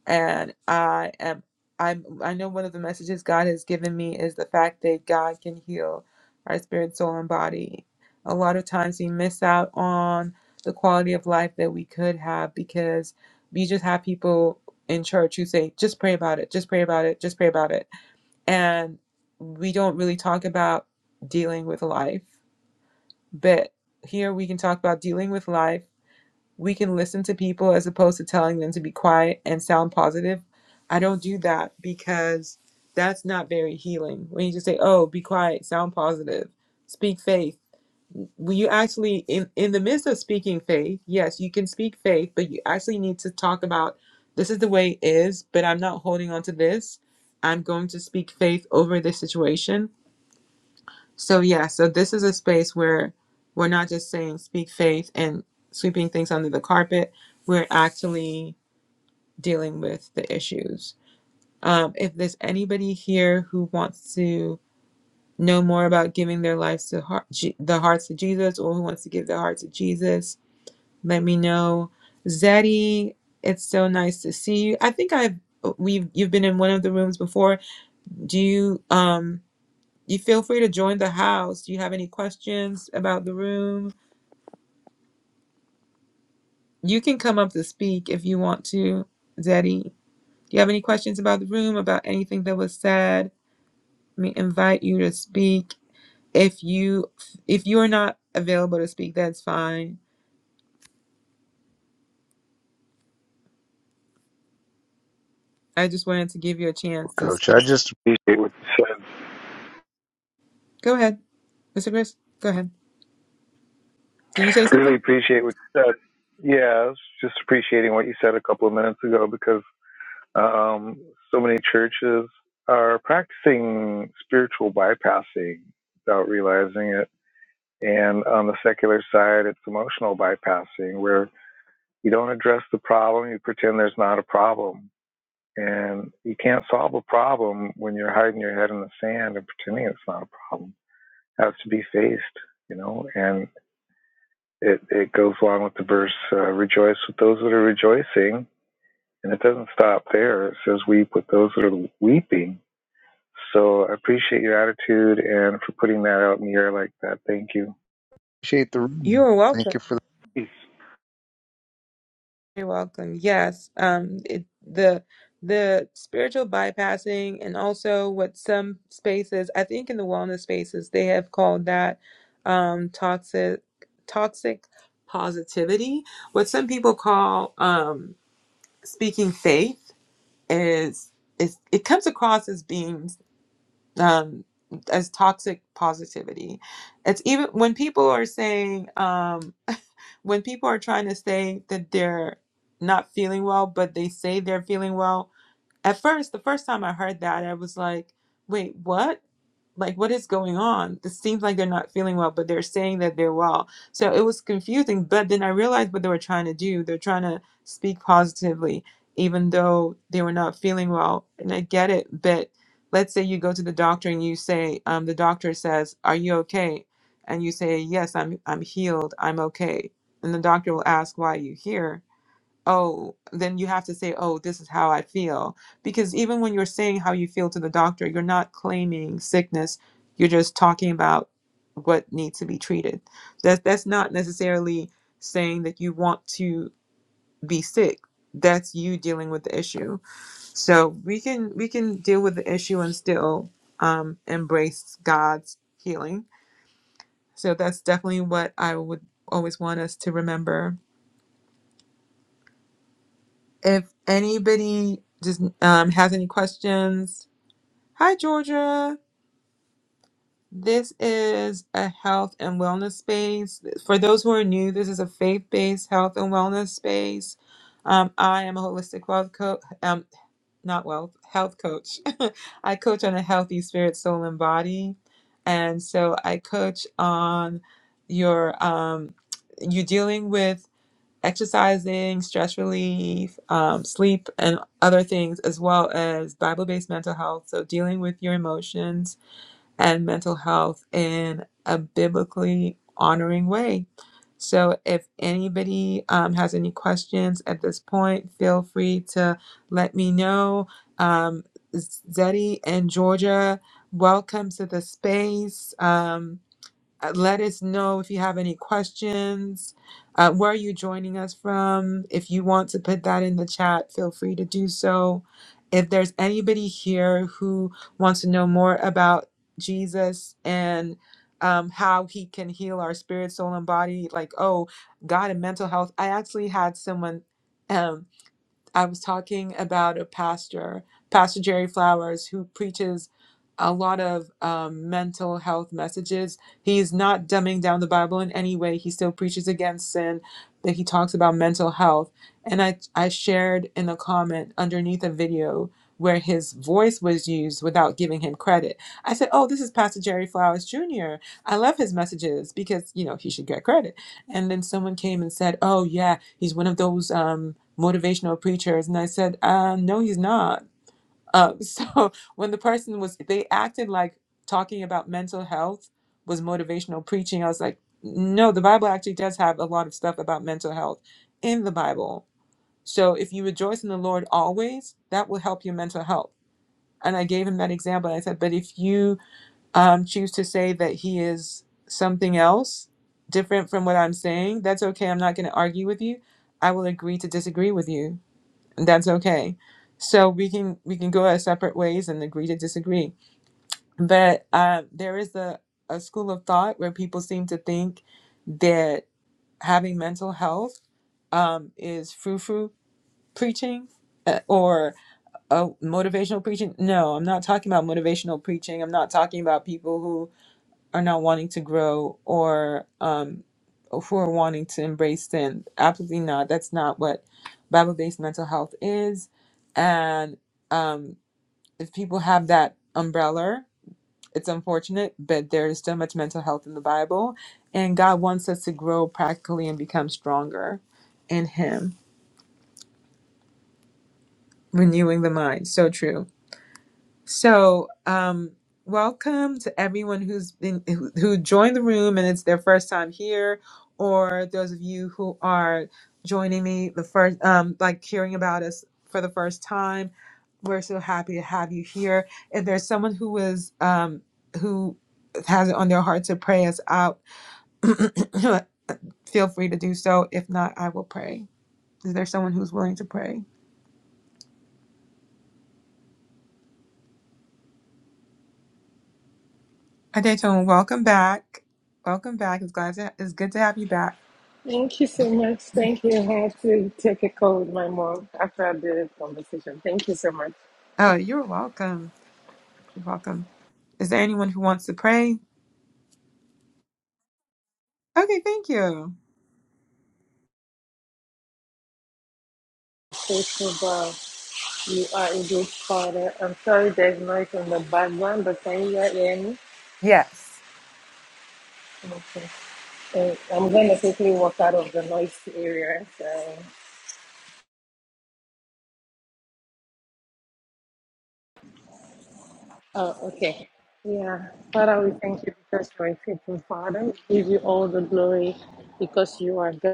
Speaker 1: and I am I'm I know one of the messages God has given me is the fact that God can heal our spirit, soul, and body. A lot of times we miss out on the quality of life that we could have because we just have people in church who say, just pray about it, just pray about it, just pray about it. And we don't really talk about dealing with life. But here we can talk about dealing with life we can listen to people as opposed to telling them to be quiet and sound positive. I don't do that because that's not very healing. When you just say, "Oh, be quiet, sound positive, speak faith." When you actually in in the midst of speaking faith, yes, you can speak faith, but you actually need to talk about this is the way it is, but I'm not holding on to this. I'm going to speak faith over this situation so yeah, so this is a space where we're not just saying speak faith and sweeping things under the carpet. We're actually dealing with the issues. Um, if there's anybody here who wants to know more about giving their lives to heart, Je- the hearts to Jesus, or who wants to give their heart to Jesus, let me know. Zeddy, it's so nice to see you. I think I've we've you've been in one of the rooms before. Do you um? You feel free to join the house. Do you have any questions about the room? You can come up to speak if you want to, Zeddy. Do you have any questions about the room, about anything that was said? Let me invite you to speak. If you if you are not available to speak, that's fine. I just wanted to give you a chance to
Speaker 6: Coach,
Speaker 1: speak.
Speaker 6: I just appreciate what you said.
Speaker 1: Go ahead, Mr. Chris. Go ahead. Did you say
Speaker 6: Really
Speaker 1: something?
Speaker 6: appreciate what you said. Yeah, I was just appreciating what you said a couple of minutes ago because um, so many churches are practicing spiritual bypassing without realizing it. And on the secular side, it's emotional bypassing where you don't address the problem, you pretend there's not a problem. And you can't solve a problem when you're hiding your head in the sand and pretending it's not a problem. It has to be faced, you know, and it it goes along with the verse uh, rejoice with those that are rejoicing and it doesn't stop there it says weep with those that are weeping so i appreciate your attitude and for putting that out in the air like that thank you Appreciate the
Speaker 1: You
Speaker 6: room.
Speaker 1: are welcome.
Speaker 6: Thank you for the Peace.
Speaker 1: You're welcome. Yes, um, it, the the spiritual bypassing and also what some spaces, I think in the wellness spaces, they have called that um, toxic toxic positivity. What some people call um, speaking faith is is it comes across as being um, as toxic positivity. It's even when people are saying. Um, when people are trying to say that they're not feeling well, but they say they're feeling well, at first, the first time I heard that, I was like, wait, what? like what is going on this seems like they're not feeling well but they're saying that they're well so it was confusing but then i realized what they were trying to do they're trying to speak positively even though they were not feeling well and i get it but let's say you go to the doctor and you say um, the doctor says are you okay and you say yes i'm i'm healed i'm okay and the doctor will ask why are you here oh, then you have to say, oh, this is how I feel. Because even when you're saying how you feel to the doctor, you're not claiming sickness. You're just talking about what needs to be treated. That's that's not necessarily saying that you want to be sick. That's you dealing with the issue. So we can we can deal with the issue and still um, embrace God's healing. So that's definitely what I would always want us to remember if anybody just um, has any questions hi georgia this is a health and wellness space for those who are new this is a faith-based health and wellness space um, i am a holistic wealth coach um, not wealth health coach *laughs* i coach on a healthy spirit soul and body and so i coach on your um, you dealing with exercising, stress relief, um, sleep, and other things, as well as Bible based mental health. So, dealing with your emotions and mental health in a biblically honoring way. So, if anybody um, has any questions at this point, feel free to let me know. Um, Zeddy and Georgia, welcome to the space. Um, uh, Let us know if you have any questions. Uh, where are you joining us from? If you want to put that in the chat, feel free to do so. If there's anybody here who wants to know more about Jesus and um, how he can heal our spirit, soul, and body, like, oh, God and mental health, I actually had someone. Um, I was talking about a pastor, Pastor Jerry Flowers, who preaches a lot of um, mental health messages. He's not dumbing down the Bible in any way. He still preaches against sin, but he talks about mental health. And I, I shared in a comment underneath a video where his voice was used without giving him credit. I said, "Oh, this is Pastor Jerry Flowers Jr. I love his messages because you know he should get credit." And then someone came and said, "Oh yeah, he's one of those." Um, motivational preachers. And I said, uh, no, he's not. Uh, *laughs* so when the person was, they acted like talking about mental health was motivational preaching. I was like, no, the Bible actually does have a lot of stuff about mental health in the Bible. So if you rejoice in the Lord always, that will help your mental health. And I gave him that example. I said, but if you um, choose to say that he is something else different from what I'm saying, that's okay. I'm not going to argue with you. I will agree to disagree with you that's okay so we can we can go our separate ways and agree to disagree but uh, there is a, a school of thought where people seem to think that having mental health um, is frou-frou preaching uh, or uh, motivational preaching no i'm not talking about motivational preaching i'm not talking about people who are not wanting to grow or um, who are wanting to embrace sin absolutely not that's not what bible-based mental health is and um, if people have that umbrella, it's unfortunate, but there is so much mental health in the Bible, and God wants us to grow practically and become stronger in Him, renewing the mind. So true. So, um, welcome to everyone who's been who, who joined the room and it's their first time here, or those of you who are joining me the first, um, like hearing about us for the first time. We're so happy to have you here. If there's someone who is um, who has it on their heart to pray us out, *clears throat* feel free to do so. If not, I will pray. Is there someone who's willing to pray? Adetone, welcome back. Welcome back. It's glad to, it's good to have you back.
Speaker 3: Thank you so much. Thank you. I had to take a call with my mom after the conversation. Thank you so much.
Speaker 1: Oh, you're welcome. You're welcome. Is there anyone who wants to pray? Okay, thank you.
Speaker 3: Thank you, Bob. You are a good father. I'm sorry there's noise in the background, but can you hear me?
Speaker 1: Yes.
Speaker 3: Okay. Uh, I'm going to quickly walk out of the noise area. So. Oh, okay. Yeah. Father, we thank you because you are a faithful father. We give you all the glory because you are God.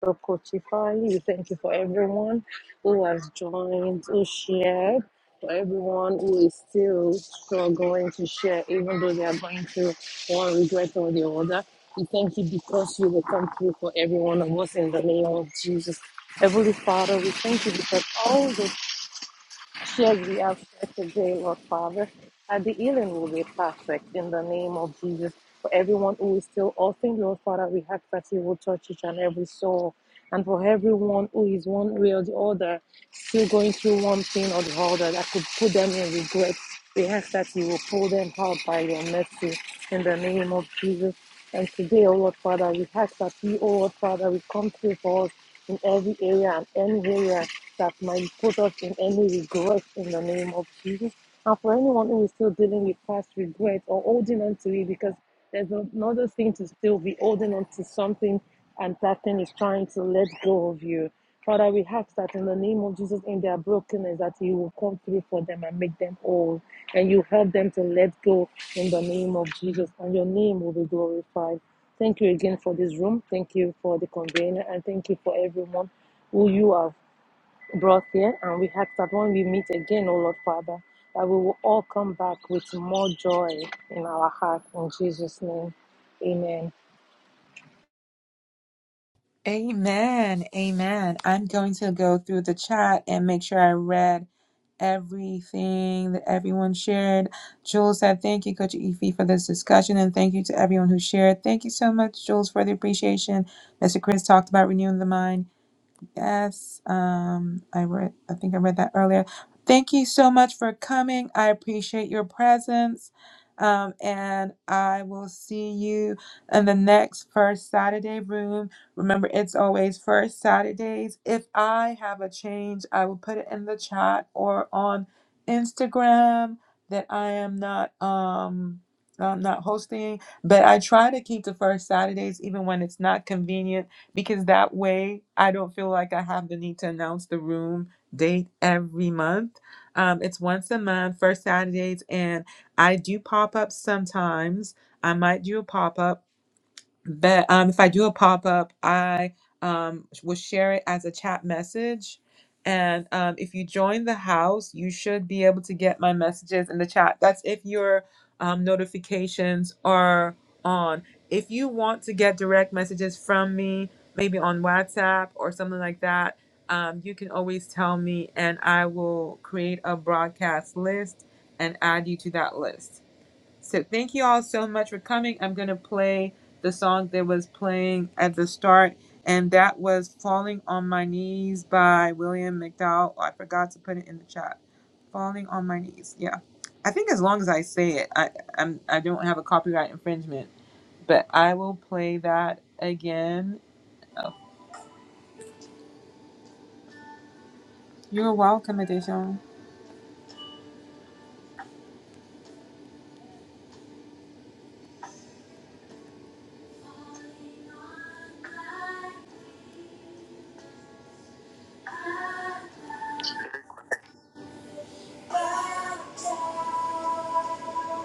Speaker 3: for Kotifai. We thank you for everyone who has joined, who shared, for everyone who is still struggling to share, even though they are going through one regret or the other. We thank you because you will come through for every one of us in the name of Jesus. Heavenly Father, we thank you because all the. Lord, we ask that today, Lord Father, that the healing will be perfect in the name of Jesus. For everyone who is still offering, Lord Father, we ask that you will touch each and every soul. And for everyone who is one way or the other, still going through one thing or the other that could put them in regret, we ask that you will pull them out by your mercy in the name of Jesus. And today, O Lord Father, we ask that you, O Lord Father, will come through for us in every area and anywhere that might put us in any regret in the name of Jesus. And for anyone who is still dealing with past regret or holding on to it, because there's another thing to still be holding on to something and that thing is trying to let go of you. Father, we ask that in the name of Jesus, in their brokenness, that you will come through for them and make them whole. And you help them to let go in the name of Jesus. And your name will be glorified. Thank you again for this room. Thank you for the convener and thank you for everyone who you have brought here. And we ask that when we meet again, O Lord Father, that we will all come back with more joy in our heart. In Jesus' name, amen.
Speaker 1: Amen. Amen. I'm going to go through the chat and make sure I read everything that everyone shared. Jules said, Thank you, Coach Efi, for this discussion, and thank you to everyone who shared. Thank you so much, Jules, for the appreciation. Mr. Chris talked about renewing the mind. Yes, um, I read. I think I read that earlier. Thank you so much for coming. I appreciate your presence, um, and I will see you in the next first Saturday room. Remember, it's always first Saturdays. If I have a change, I will put it in the chat or on Instagram that I am not um I'm not hosting, but I try to keep the first Saturdays even when it's not convenient because that way I don't feel like I have the need to announce the room date every month. Um, it's once a month, first Saturdays, and I do pop ups sometimes. I might do a pop up but um, if I do a pop up, I um, will share it as a chat message. And um, if you join the house, you should be able to get my messages in the chat. That's if your um, notifications are on. If you want to get direct messages from me, maybe on WhatsApp or something like that, um, you can always tell me and I will create a broadcast list and add you to that list. So thank you all so much for coming. I'm going to play the song that was playing at the start, and that was Falling on My Knees by William McDowell. Oh, I forgot to put it in the chat. Falling on My Knees. Yeah. I think as long as I say it, I I'm, I don't have a copyright infringement, but I will play that again. Oh, you're welcome, Adesha.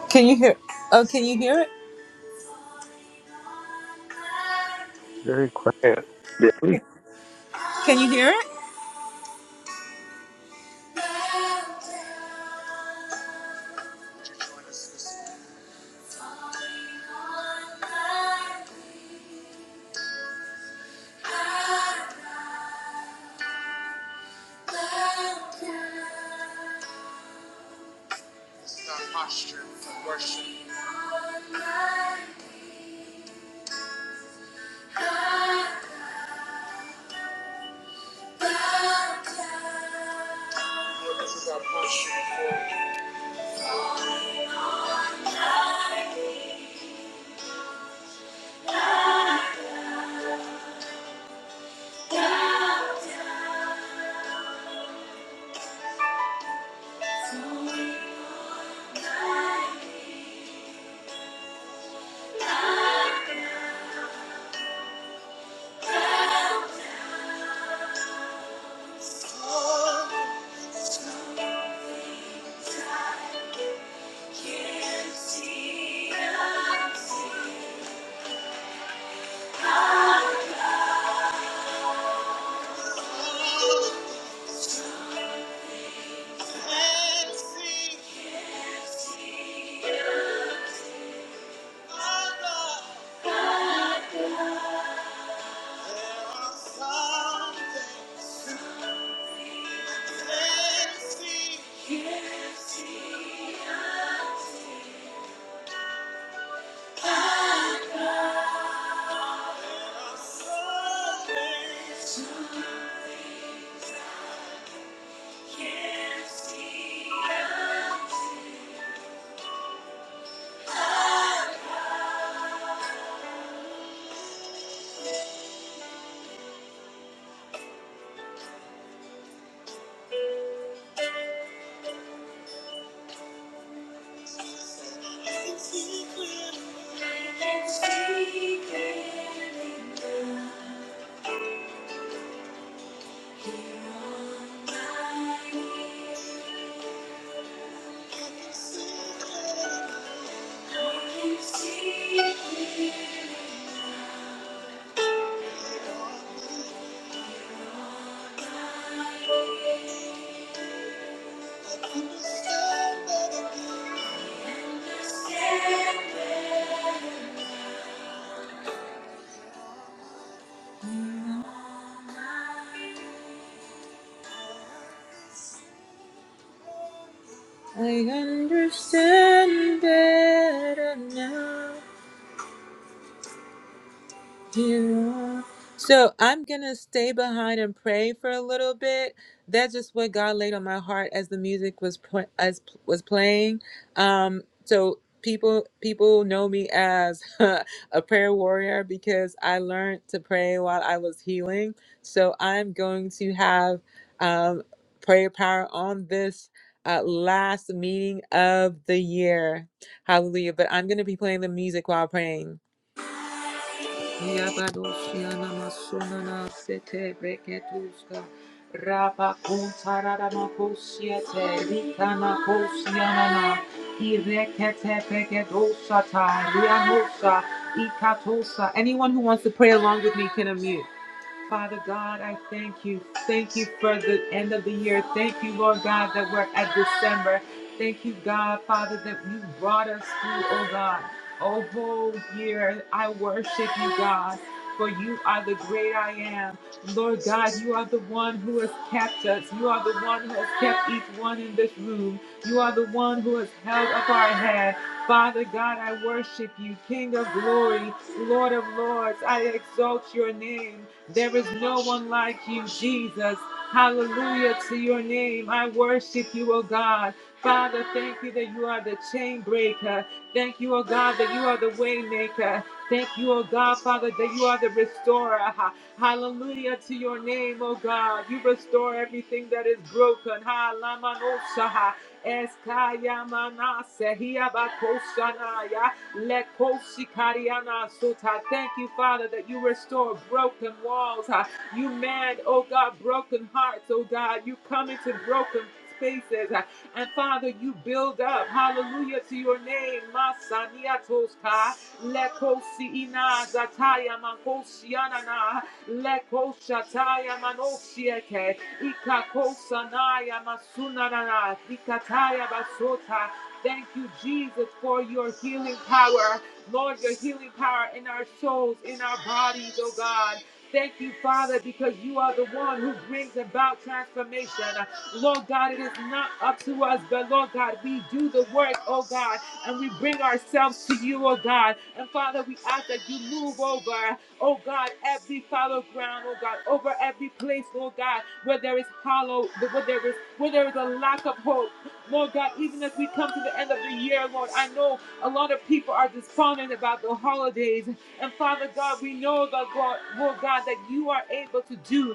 Speaker 1: Can you hear? Oh, can you hear it?
Speaker 6: very quiet. yeah.
Speaker 1: Can you hear it? It's our posture of worship. Lord, this is our posture. I Can't see. Understand better now. I understand better now. Yeah. So I'm gonna stay behind and pray for a little bit. That's just what God laid on my heart as the music was pl- as was playing. Um, so people people know me as *laughs* a prayer warrior because I learned to pray while I was healing. So I'm going to have um, prayer power on this uh, last meeting of the year. Hallelujah! But I'm gonna be playing the music while praying. Yabadoshiana Masunana Sete Breketuska Rapa Kuntarada Makosiete Rikana Kosiana Irekete Brekedosa Tarianosa Ikatosa. Anyone who wants to pray along with me can unmute. Father God, I thank you. Thank you for the end of the year. Thank you, Lord God, that we're at December. Thank you, God, Father, that you brought us through, oh God. Oh, whole year, I worship you, God, for you are the great I am. Lord God, you are the one who has kept us. You are the one who has kept each one in this room. You are the one who has held up our head. Father God, I worship you, King of glory, Lord of lords. I exalt your name. There is no one like you, Jesus. Hallelujah to your name. I worship you, O God. Father, thank you that you are the chain breaker. Thank you, O God, that you are the way maker. Thank you, O God, Father, that you are the restorer. Ha- Hallelujah to your name, O God. You restore everything that is broken. Manosaha, Eskayamana Sehia Bakoshanaya, Lekoshikariana Suta. Thank you, Father, that you restore broken walls. ah. You mend, oh God, broken hearts, oh God. You come into broken spaces. ah. And Father, you build up. Hallelujah to your name. Masaniatoska. Lekosi ina zataya mankoshianana. Lekoshataya manoshieke Ikakosanaya masunarara, ikataya basota. Thank you, Jesus, for your healing power. Lord, your healing power in our souls, in our bodies, oh God. Thank you, Father, because you are the one who brings about transformation. Lord God, it is not up to us, but Lord God, we do the work, oh God, and we bring ourselves to you, oh God. And Father, we ask that you move over oh God, every fallow ground, oh God, over every place, Lord God, where there is hollow, where there is where there is a lack of hope. Lord God, even as we come to the end of the year, Lord, I know a lot of people are despondent about the holidays. And Father God, we know that God, Lord God, that you are able to do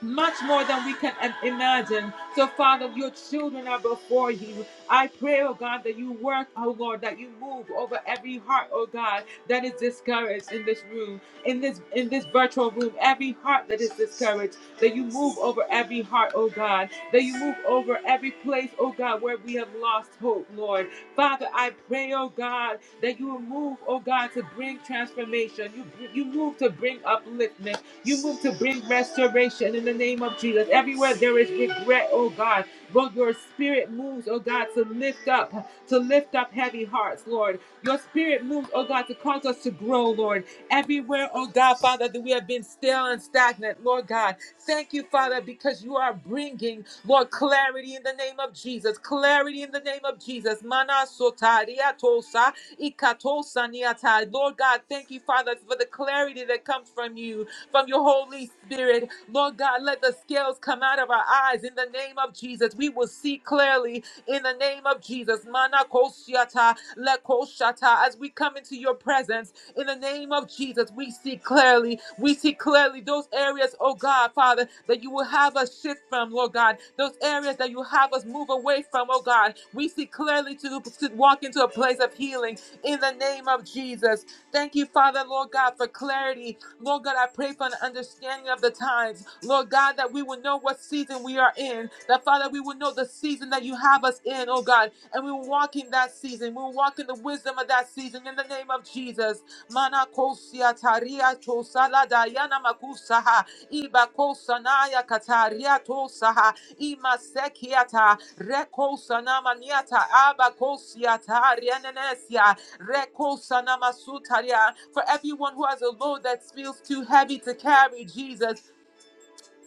Speaker 1: much more than we can im- imagine. So, Father, your children are before you. I pray, oh God, that you work, oh Lord, that you move over every heart, oh God, that is discouraged in this room, in this in this virtual room, every heart that is discouraged, that you move over every heart, oh God, that you move over every place, oh God, where we have lost hope, Lord. Father, I pray, oh God, that you will move, oh God, to bring transformation. You you move to bring upliftment. You move to bring restoration in the name of Jesus. Everywhere there is regret, oh God. But your spirit moves, oh God, to lift up, to lift up heavy hearts, Lord. Your spirit moves, oh God, to cause us to grow, Lord. Everywhere, oh God, Father, that we have been stale and stagnant, Lord God. Thank you, Father, because you are bringing, Lord, clarity in the name of Jesus. Clarity in the name of Jesus. Mana sotaria tosa, ikatosa niata. Lord God, thank you, Father, for the clarity that comes from you from your Holy Spirit. Lord God, let the scales come out of our eyes in the name of Jesus. We will see clearly in the name of Jesus. Mana koshiata, le koshata. As we come into your presence in the name of Jesus, we see clearly. We see clearly those areas, oh God, Father, that you will have us shift from, Lord God. Those areas that you have us move away from, oh God. We see clearly to, to walk into a place of healing in the name of Jesus. Thank you, Father, Lord God, for clarity Lord God, I pray for an understanding of the times. Lord God, that we will know what season we are in. That, Father, we will know the season that you have us in, oh God. And we will walk in that season. We will walk in the wisdom of that season in the name of Jesus. Manakosia taria tosala dayana makusaha. Ibakosanaya kataria tosaha. Imasekiata. Rekosanamaniata. Abakosiata. Rianenesia. Reko sanama sutaria. For everyone who has a load that feels too heavy to carry, Jesus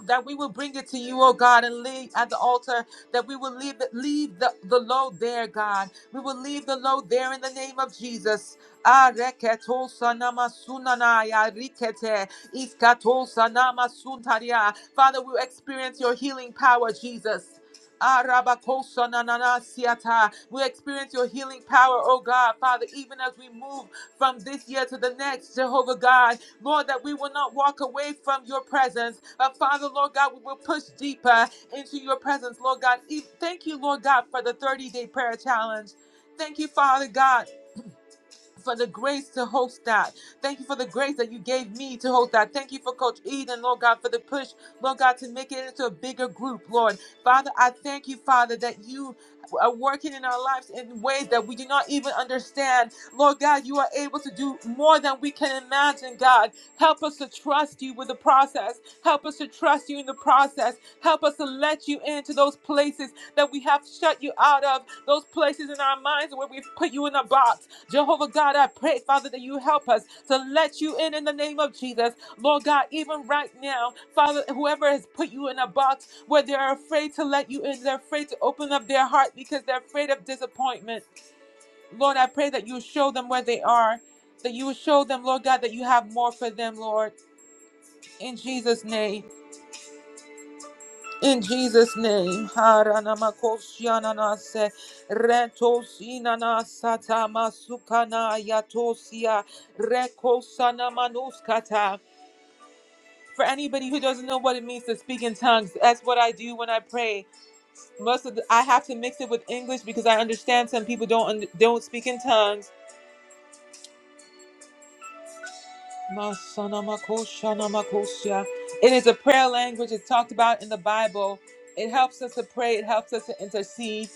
Speaker 1: that we will bring it to you, oh God, and lay at the altar, that we will leave, leave the, the load there, God. We will leave the load there in the name of Jesus. Ah, reketo sanama sunanaya rikete, iskato sanama suntaria. Father, we experience your healing power, Jesus. Ah, We experience your healing power, oh God, Father, even as we move from this year to the next, Jehovah God. Lord, that we will not walk away from your presence. Uh, Father, Lord God, we will push deeper into your presence, Lord God. E- Thank you, Lord God, for the 30 day prayer challenge. Thank you, Father God for the grace to host that. Thank you for the grace that you gave me to host that. Thank you for Coach Eden, Lord God, for the push, Lord God, to make it into a bigger group, Lord. Father, I thank you, Father, that you are working in our lives in ways that we do not even understand. Lord God, you are able to do more than we can imagine, God. Help us to trust you with the process. Help us to trust you in the process. Help us to let you into those places that we have shut you out of, those places in our minds where we've put you in a box. Jehovah God, I pray, Father, that you help us to let you in. In the name of Jesus, Lord God, even right now, Father, whoever has put you in a box where they are afraid to let you in, they're afraid to open up their heart because they're afraid of disappointment. Lord, I pray that you will show them where they are, that you will show them, Lord God, that you have more for them, Lord. In Jesus' name. In Jesus' name. Haranamakoshyananase, retosinanasatamasukosyananase. Ayatosia Rekosana For anybody who doesn't know what it means to speak in tongues, that's what I do when I pray. Most of the, I have to mix it with English because I understand some people don't un- don't speak in tongues. Masana It is a prayer language. It's talked about in the Bible. It helps us to pray. It helps us to intercede.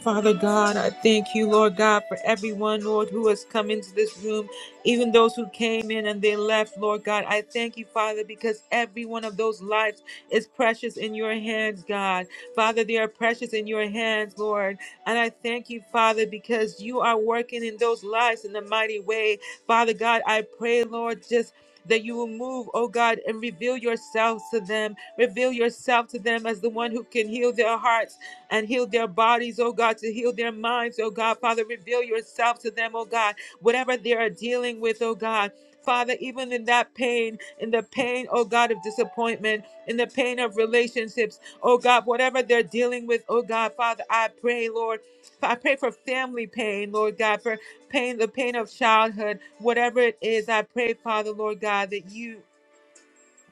Speaker 1: Father God, I thank you, Lord God, for everyone, Lord, who has come into this room, even those who came in and they left, Lord God. I thank you, Father, because every one of those lives is precious in your hands, God. Father, they are precious in your hands, Lord. And I thank you, Father, because you are working in those lives in a mighty way. Father God, I pray, Lord, just that you will move, oh God, and reveal yourself to them. Reveal yourself to them as the one who can heal their hearts and heal their bodies, oh God, to heal their minds, oh God. Father, reveal yourself to them, oh God, whatever they are dealing with, oh God. Father, even in that pain, in the pain, oh God, of disappointment, in the pain of relationships, oh God, whatever they're dealing with, oh God, Father, I pray, Lord. I pray for family pain, Lord God, for pain, the pain of childhood, whatever it is. I pray, Father, Lord God, that you,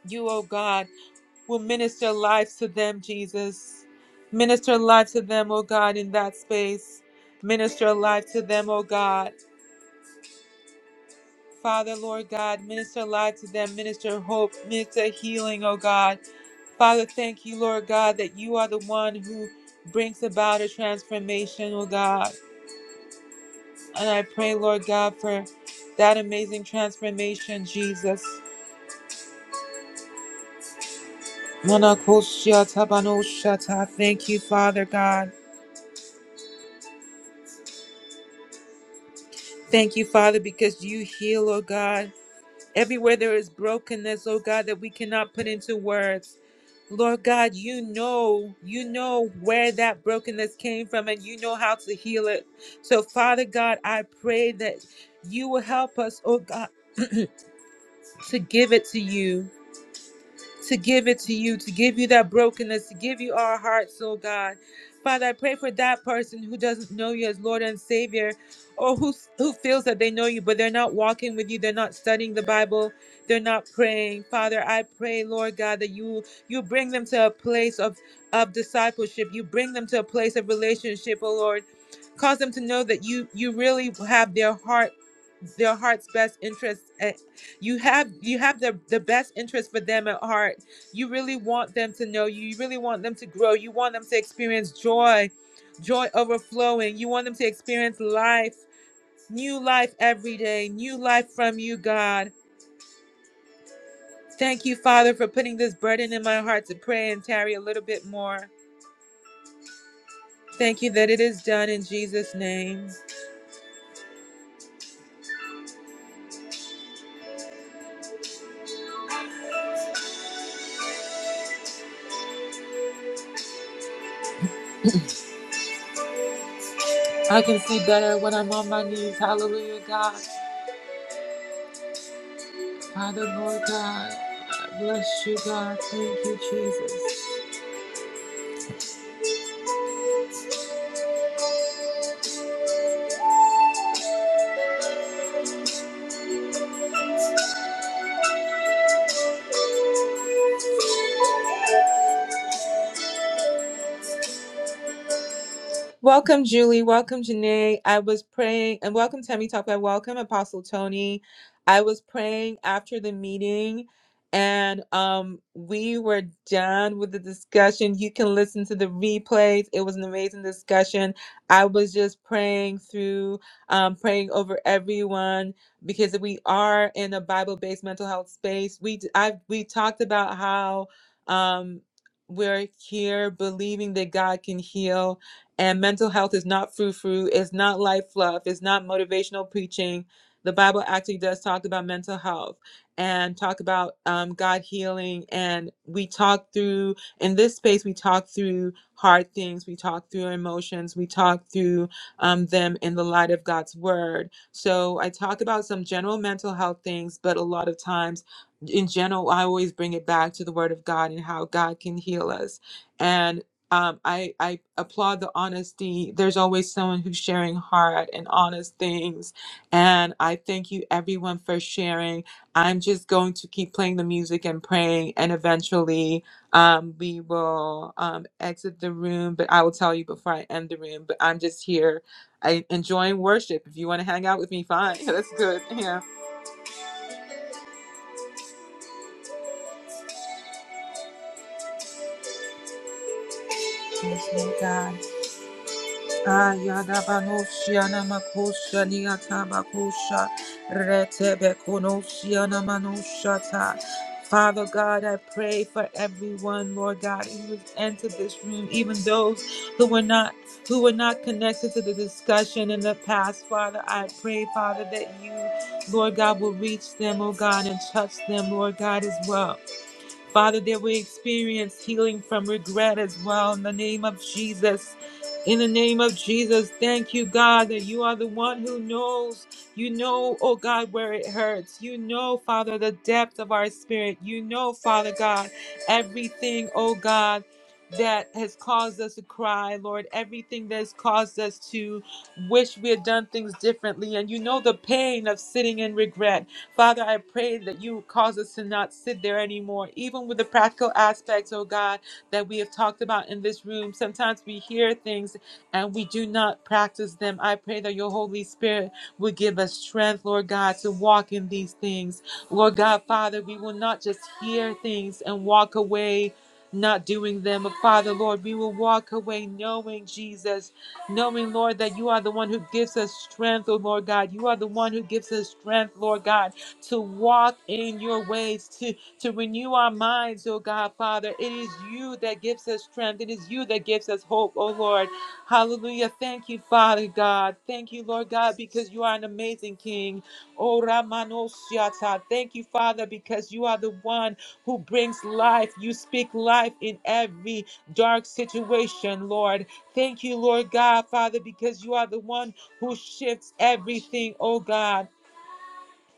Speaker 1: you, oh God, will minister life to them, Jesus. Minister life to them, oh God, in that space. Minister life to them, oh God. Father, Lord God, minister life to them, minister hope, minister healing, oh God. Father, thank you, Lord God, that you are the one who brings about a transformation, oh God. And I pray, Lord God, for that amazing transformation, Jesus. Thank you, Father God. Thank you, Father, because you heal, oh God. Everywhere there is brokenness, oh God, that we cannot put into words. Lord God, you know, you know where that brokenness came from and you know how to heal it. So, Father God, I pray that you will help us, oh God, to give it to you to give it to you, to give you that brokenness, to give you our hearts, oh God. Father, I pray for that person who doesn't know you as Lord and Savior, or who who feels that they know you, but they're not walking with you, they're not studying the Bible, they're not praying. Father, I pray, Lord God, that you you bring them to a place of of discipleship. You bring them to a place of relationship, oh Lord. Cause them to know that you you really have their heart, their heart's best interest. at, You have the, the best interest for them at heart. You really want them to know you. You really want them to grow. You want them to experience joy, joy overflowing. You want them to experience life, new life every day, new life from you, God. Thank you, Father, for putting this burden in my heart to pray and tarry a little bit more. Thank you that it is done in Jesus' name. I can see better when I'm on my knees. Hallelujah, God. Welcome, Julie. Welcome, Janae. I was praying, and welcome, Tammy Talkback. Welcome, Apostle Tony. I was praying after the meeting, and um, we were done with the discussion. You can listen to the replays. It was an amazing discussion. I was just praying through, um, praying over everyone because we are in a Bible-based mental health space. We I we talked about how um, we're here believing that God can heal and mental health is not frou frou, it's not light fluff, it's not motivational preaching. The Bible actually does talk about mental health and talk about um, God healing. And we talk through, in this space, we talk through hard things, we talk through emotions, we talk through um, them in the light of God's word. So I talk about some general mental health things, but a lot of times, in general, I always bring it back to the word of God and how God can heal us. And um, I, I honesty. There's always someone who's right and honest things. And I think I'm playing the music and praying, and eventually um, we will um, exit the room. But I will tell you before I end the room. But I'm just here, I enjoying worship. If you want to hang out with me, fine. *laughs* That's good. Yeah. Ayadabanoshiana makosha niata bakosha retebe konoshiana manoshata. Father God, I pray for everyone, Lord God, who has entered this room, even those who were not who were not connected to the discussion in the past. Father, I pray, Father, that you, Lord God, will reach them, oh God, and touch them, Lord God. Father, that we experience healing from regret as well in the name of Jesus. In the name of Jesus, thank you, God, that you are the one who knows. You know, oh God, where it hurts. You know, Father, the depth of our spirit. You know, Father God, everything, oh God, that has caused us to cry, Lord, everything that has caused us to wish we had done things differently. And you know the pain of sitting in regret. Father, I pray that you cause us to not sit there anymore, even with the practical aspects, oh God, that we have talked about in this room. Sometimes we hear things and we do not practice them, I pray that your Holy Spirit would give us strength, Lord God, to walk in these things. Lord God, Father, we will not just hear things and walk away not doing them. But Father, Lord, we will walk away knowing Jesus, knowing, Lord, that you are the one who gives us strength, oh Lord God. You are the one who gives us strength, Lord God, to walk in your ways, to, to renew our minds, oh God, Father. It is you that gives us strength. It is you that gives us hope, oh Lord. Hallelujah. Thank you, Father God. Thank you, Lord God, because you are an amazing King. Oh, Ramanosiata. Thank you, Father, because you are the one who brings life. You speak life in every dark situation, Lord. Thank you, Lord God, Father, because you are the one who shifts everything, oh God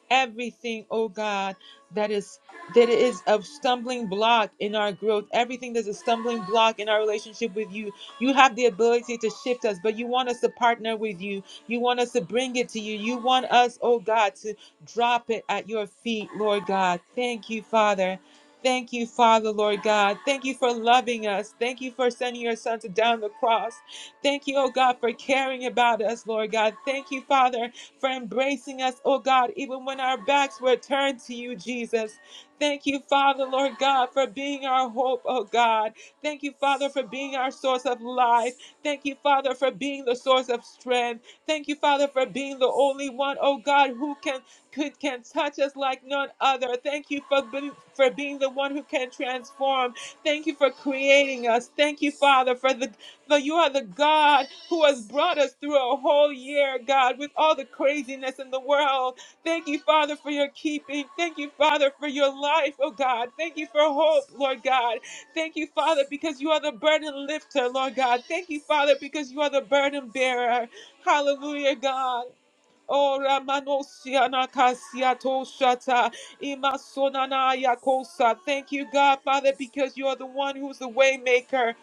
Speaker 1: everything, oh God, that is that is a stumbling block in our growth, everything that's a stumbling block in our relationship with you. You have the ability to shift us, but you want us to partner with you. You want us to bring it to you. You want us, oh God, to drop it at your feet, Lord God. Thank you, Father. Thank you, Father, Lord God. Thank you for loving us. Thank you for sending your son to down the cross. Thank you, oh God, for caring about us, Lord God. Thank you, Father, for embracing us, oh God, even when our backs were turned to you, Jesus. Thank you, Father, Lord God, for being our hope, oh God. Thank you, Father, for being our source of life. Thank you, Father, for being the source of strength. Thank you, Father, for being the only one, oh God, who can could, can touch us like none other. Thank you for being, for being the one who can transform. Thank you for creating us. Thank you, Father, for the but you are the God who has brought us through a whole year, God, with all the craziness in the world. Thank you, Father, for your keeping. Thank you, Father, for your life, oh God. Thank you for hope, Lord God. Thank you, Father, because you are the burden lifter, Lord God. Thank you, Father, because you are the burden bearer. Hallelujah, God. Oh, Ramanosiana Kasiato Shata, Imasonana Yakosa. Thank you, God, Father, because you are the one who's the way maker.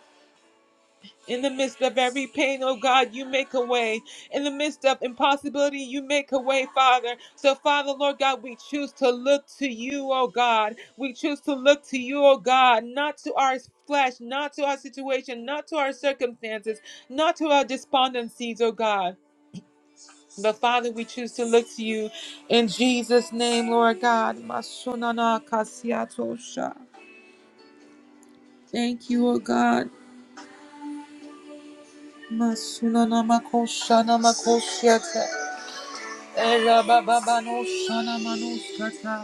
Speaker 1: In the midst of every pain, oh God, you make a way. In the midst of impossibility, you make a way, Father. So, Father, Lord God, we choose to look to you, oh God. We choose to look to you, oh God, not to our flesh, not to our situation, not to our circumstances, not to our despondencies, oh God. But Father, we choose to look to you in Jesus' name, Lord God. Masunana kasiatosha. Thank you, oh God. Masunana makoshana makoshiata. Erabababano shanamanuskata.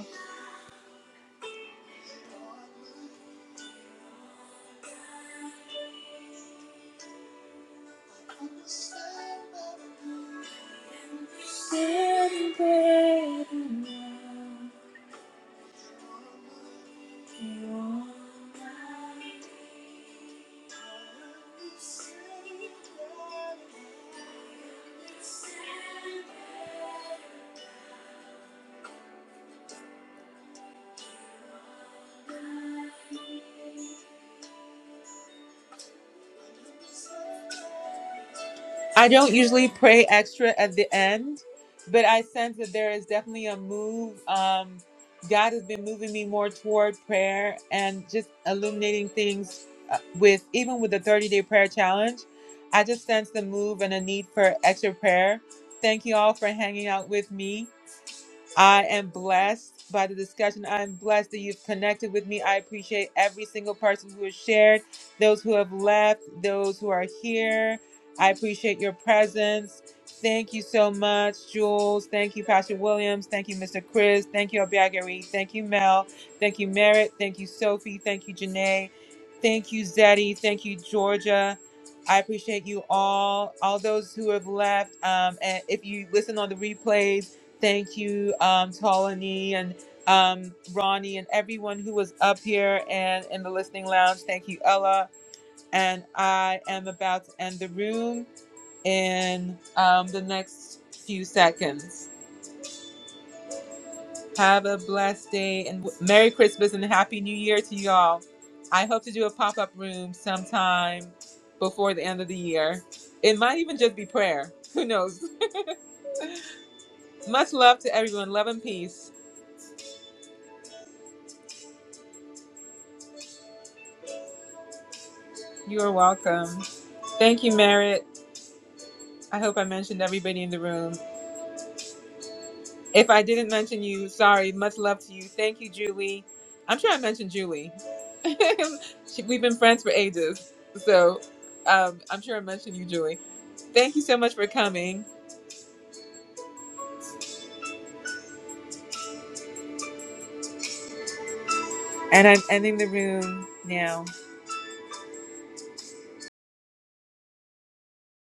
Speaker 1: I don't usually pray extra at the end, but I sense that there is definitely a move. Um, God has been moving me more toward prayer and just illuminating things uh, with even with the 30 day prayer challenge. I just sense the move and a need for extra prayer. Thank you all for hanging out with me. I am blessed by the discussion. I am blessed that you've connected with me. I appreciate every single person who has shared, those who have left, those who are here. I appreciate your presence. Thank you so much, Jules. Thank you, Pastor Williams. Thank you, Mr. Chris. Thank you, Abiagari. Thank you, Mel. Thank you, Merritt. Thank you, Sophie. Thank you, Janae. Thank you, Zeddy. Thank you, Georgia. I appreciate you all, all those who have left. Um, and if you listen on the replays, thank you, um, Tolani and um, Ronnie and everyone who was up here and in the listening lounge. Thank you, Ella. And I am about to end the room in um, the next few seconds. Have a blessed day and Merry Christmas and Happy New Year to y'all. I hope to do a pop up room sometime before the end of the year. It might even just be prayer. Who knows? Much love to peace. You are welcome. Thank you, Merritt. I hope I mentioned everybody in the room. If I didn't mention you, sorry. Much love to you. Thank you, Julie. I'm sure I mentioned Julie. *laughs* She- We've been friends for ages. So um, I'm sure I mentioned you, Julie. Thank you so much for coming. And I'm ending the room now.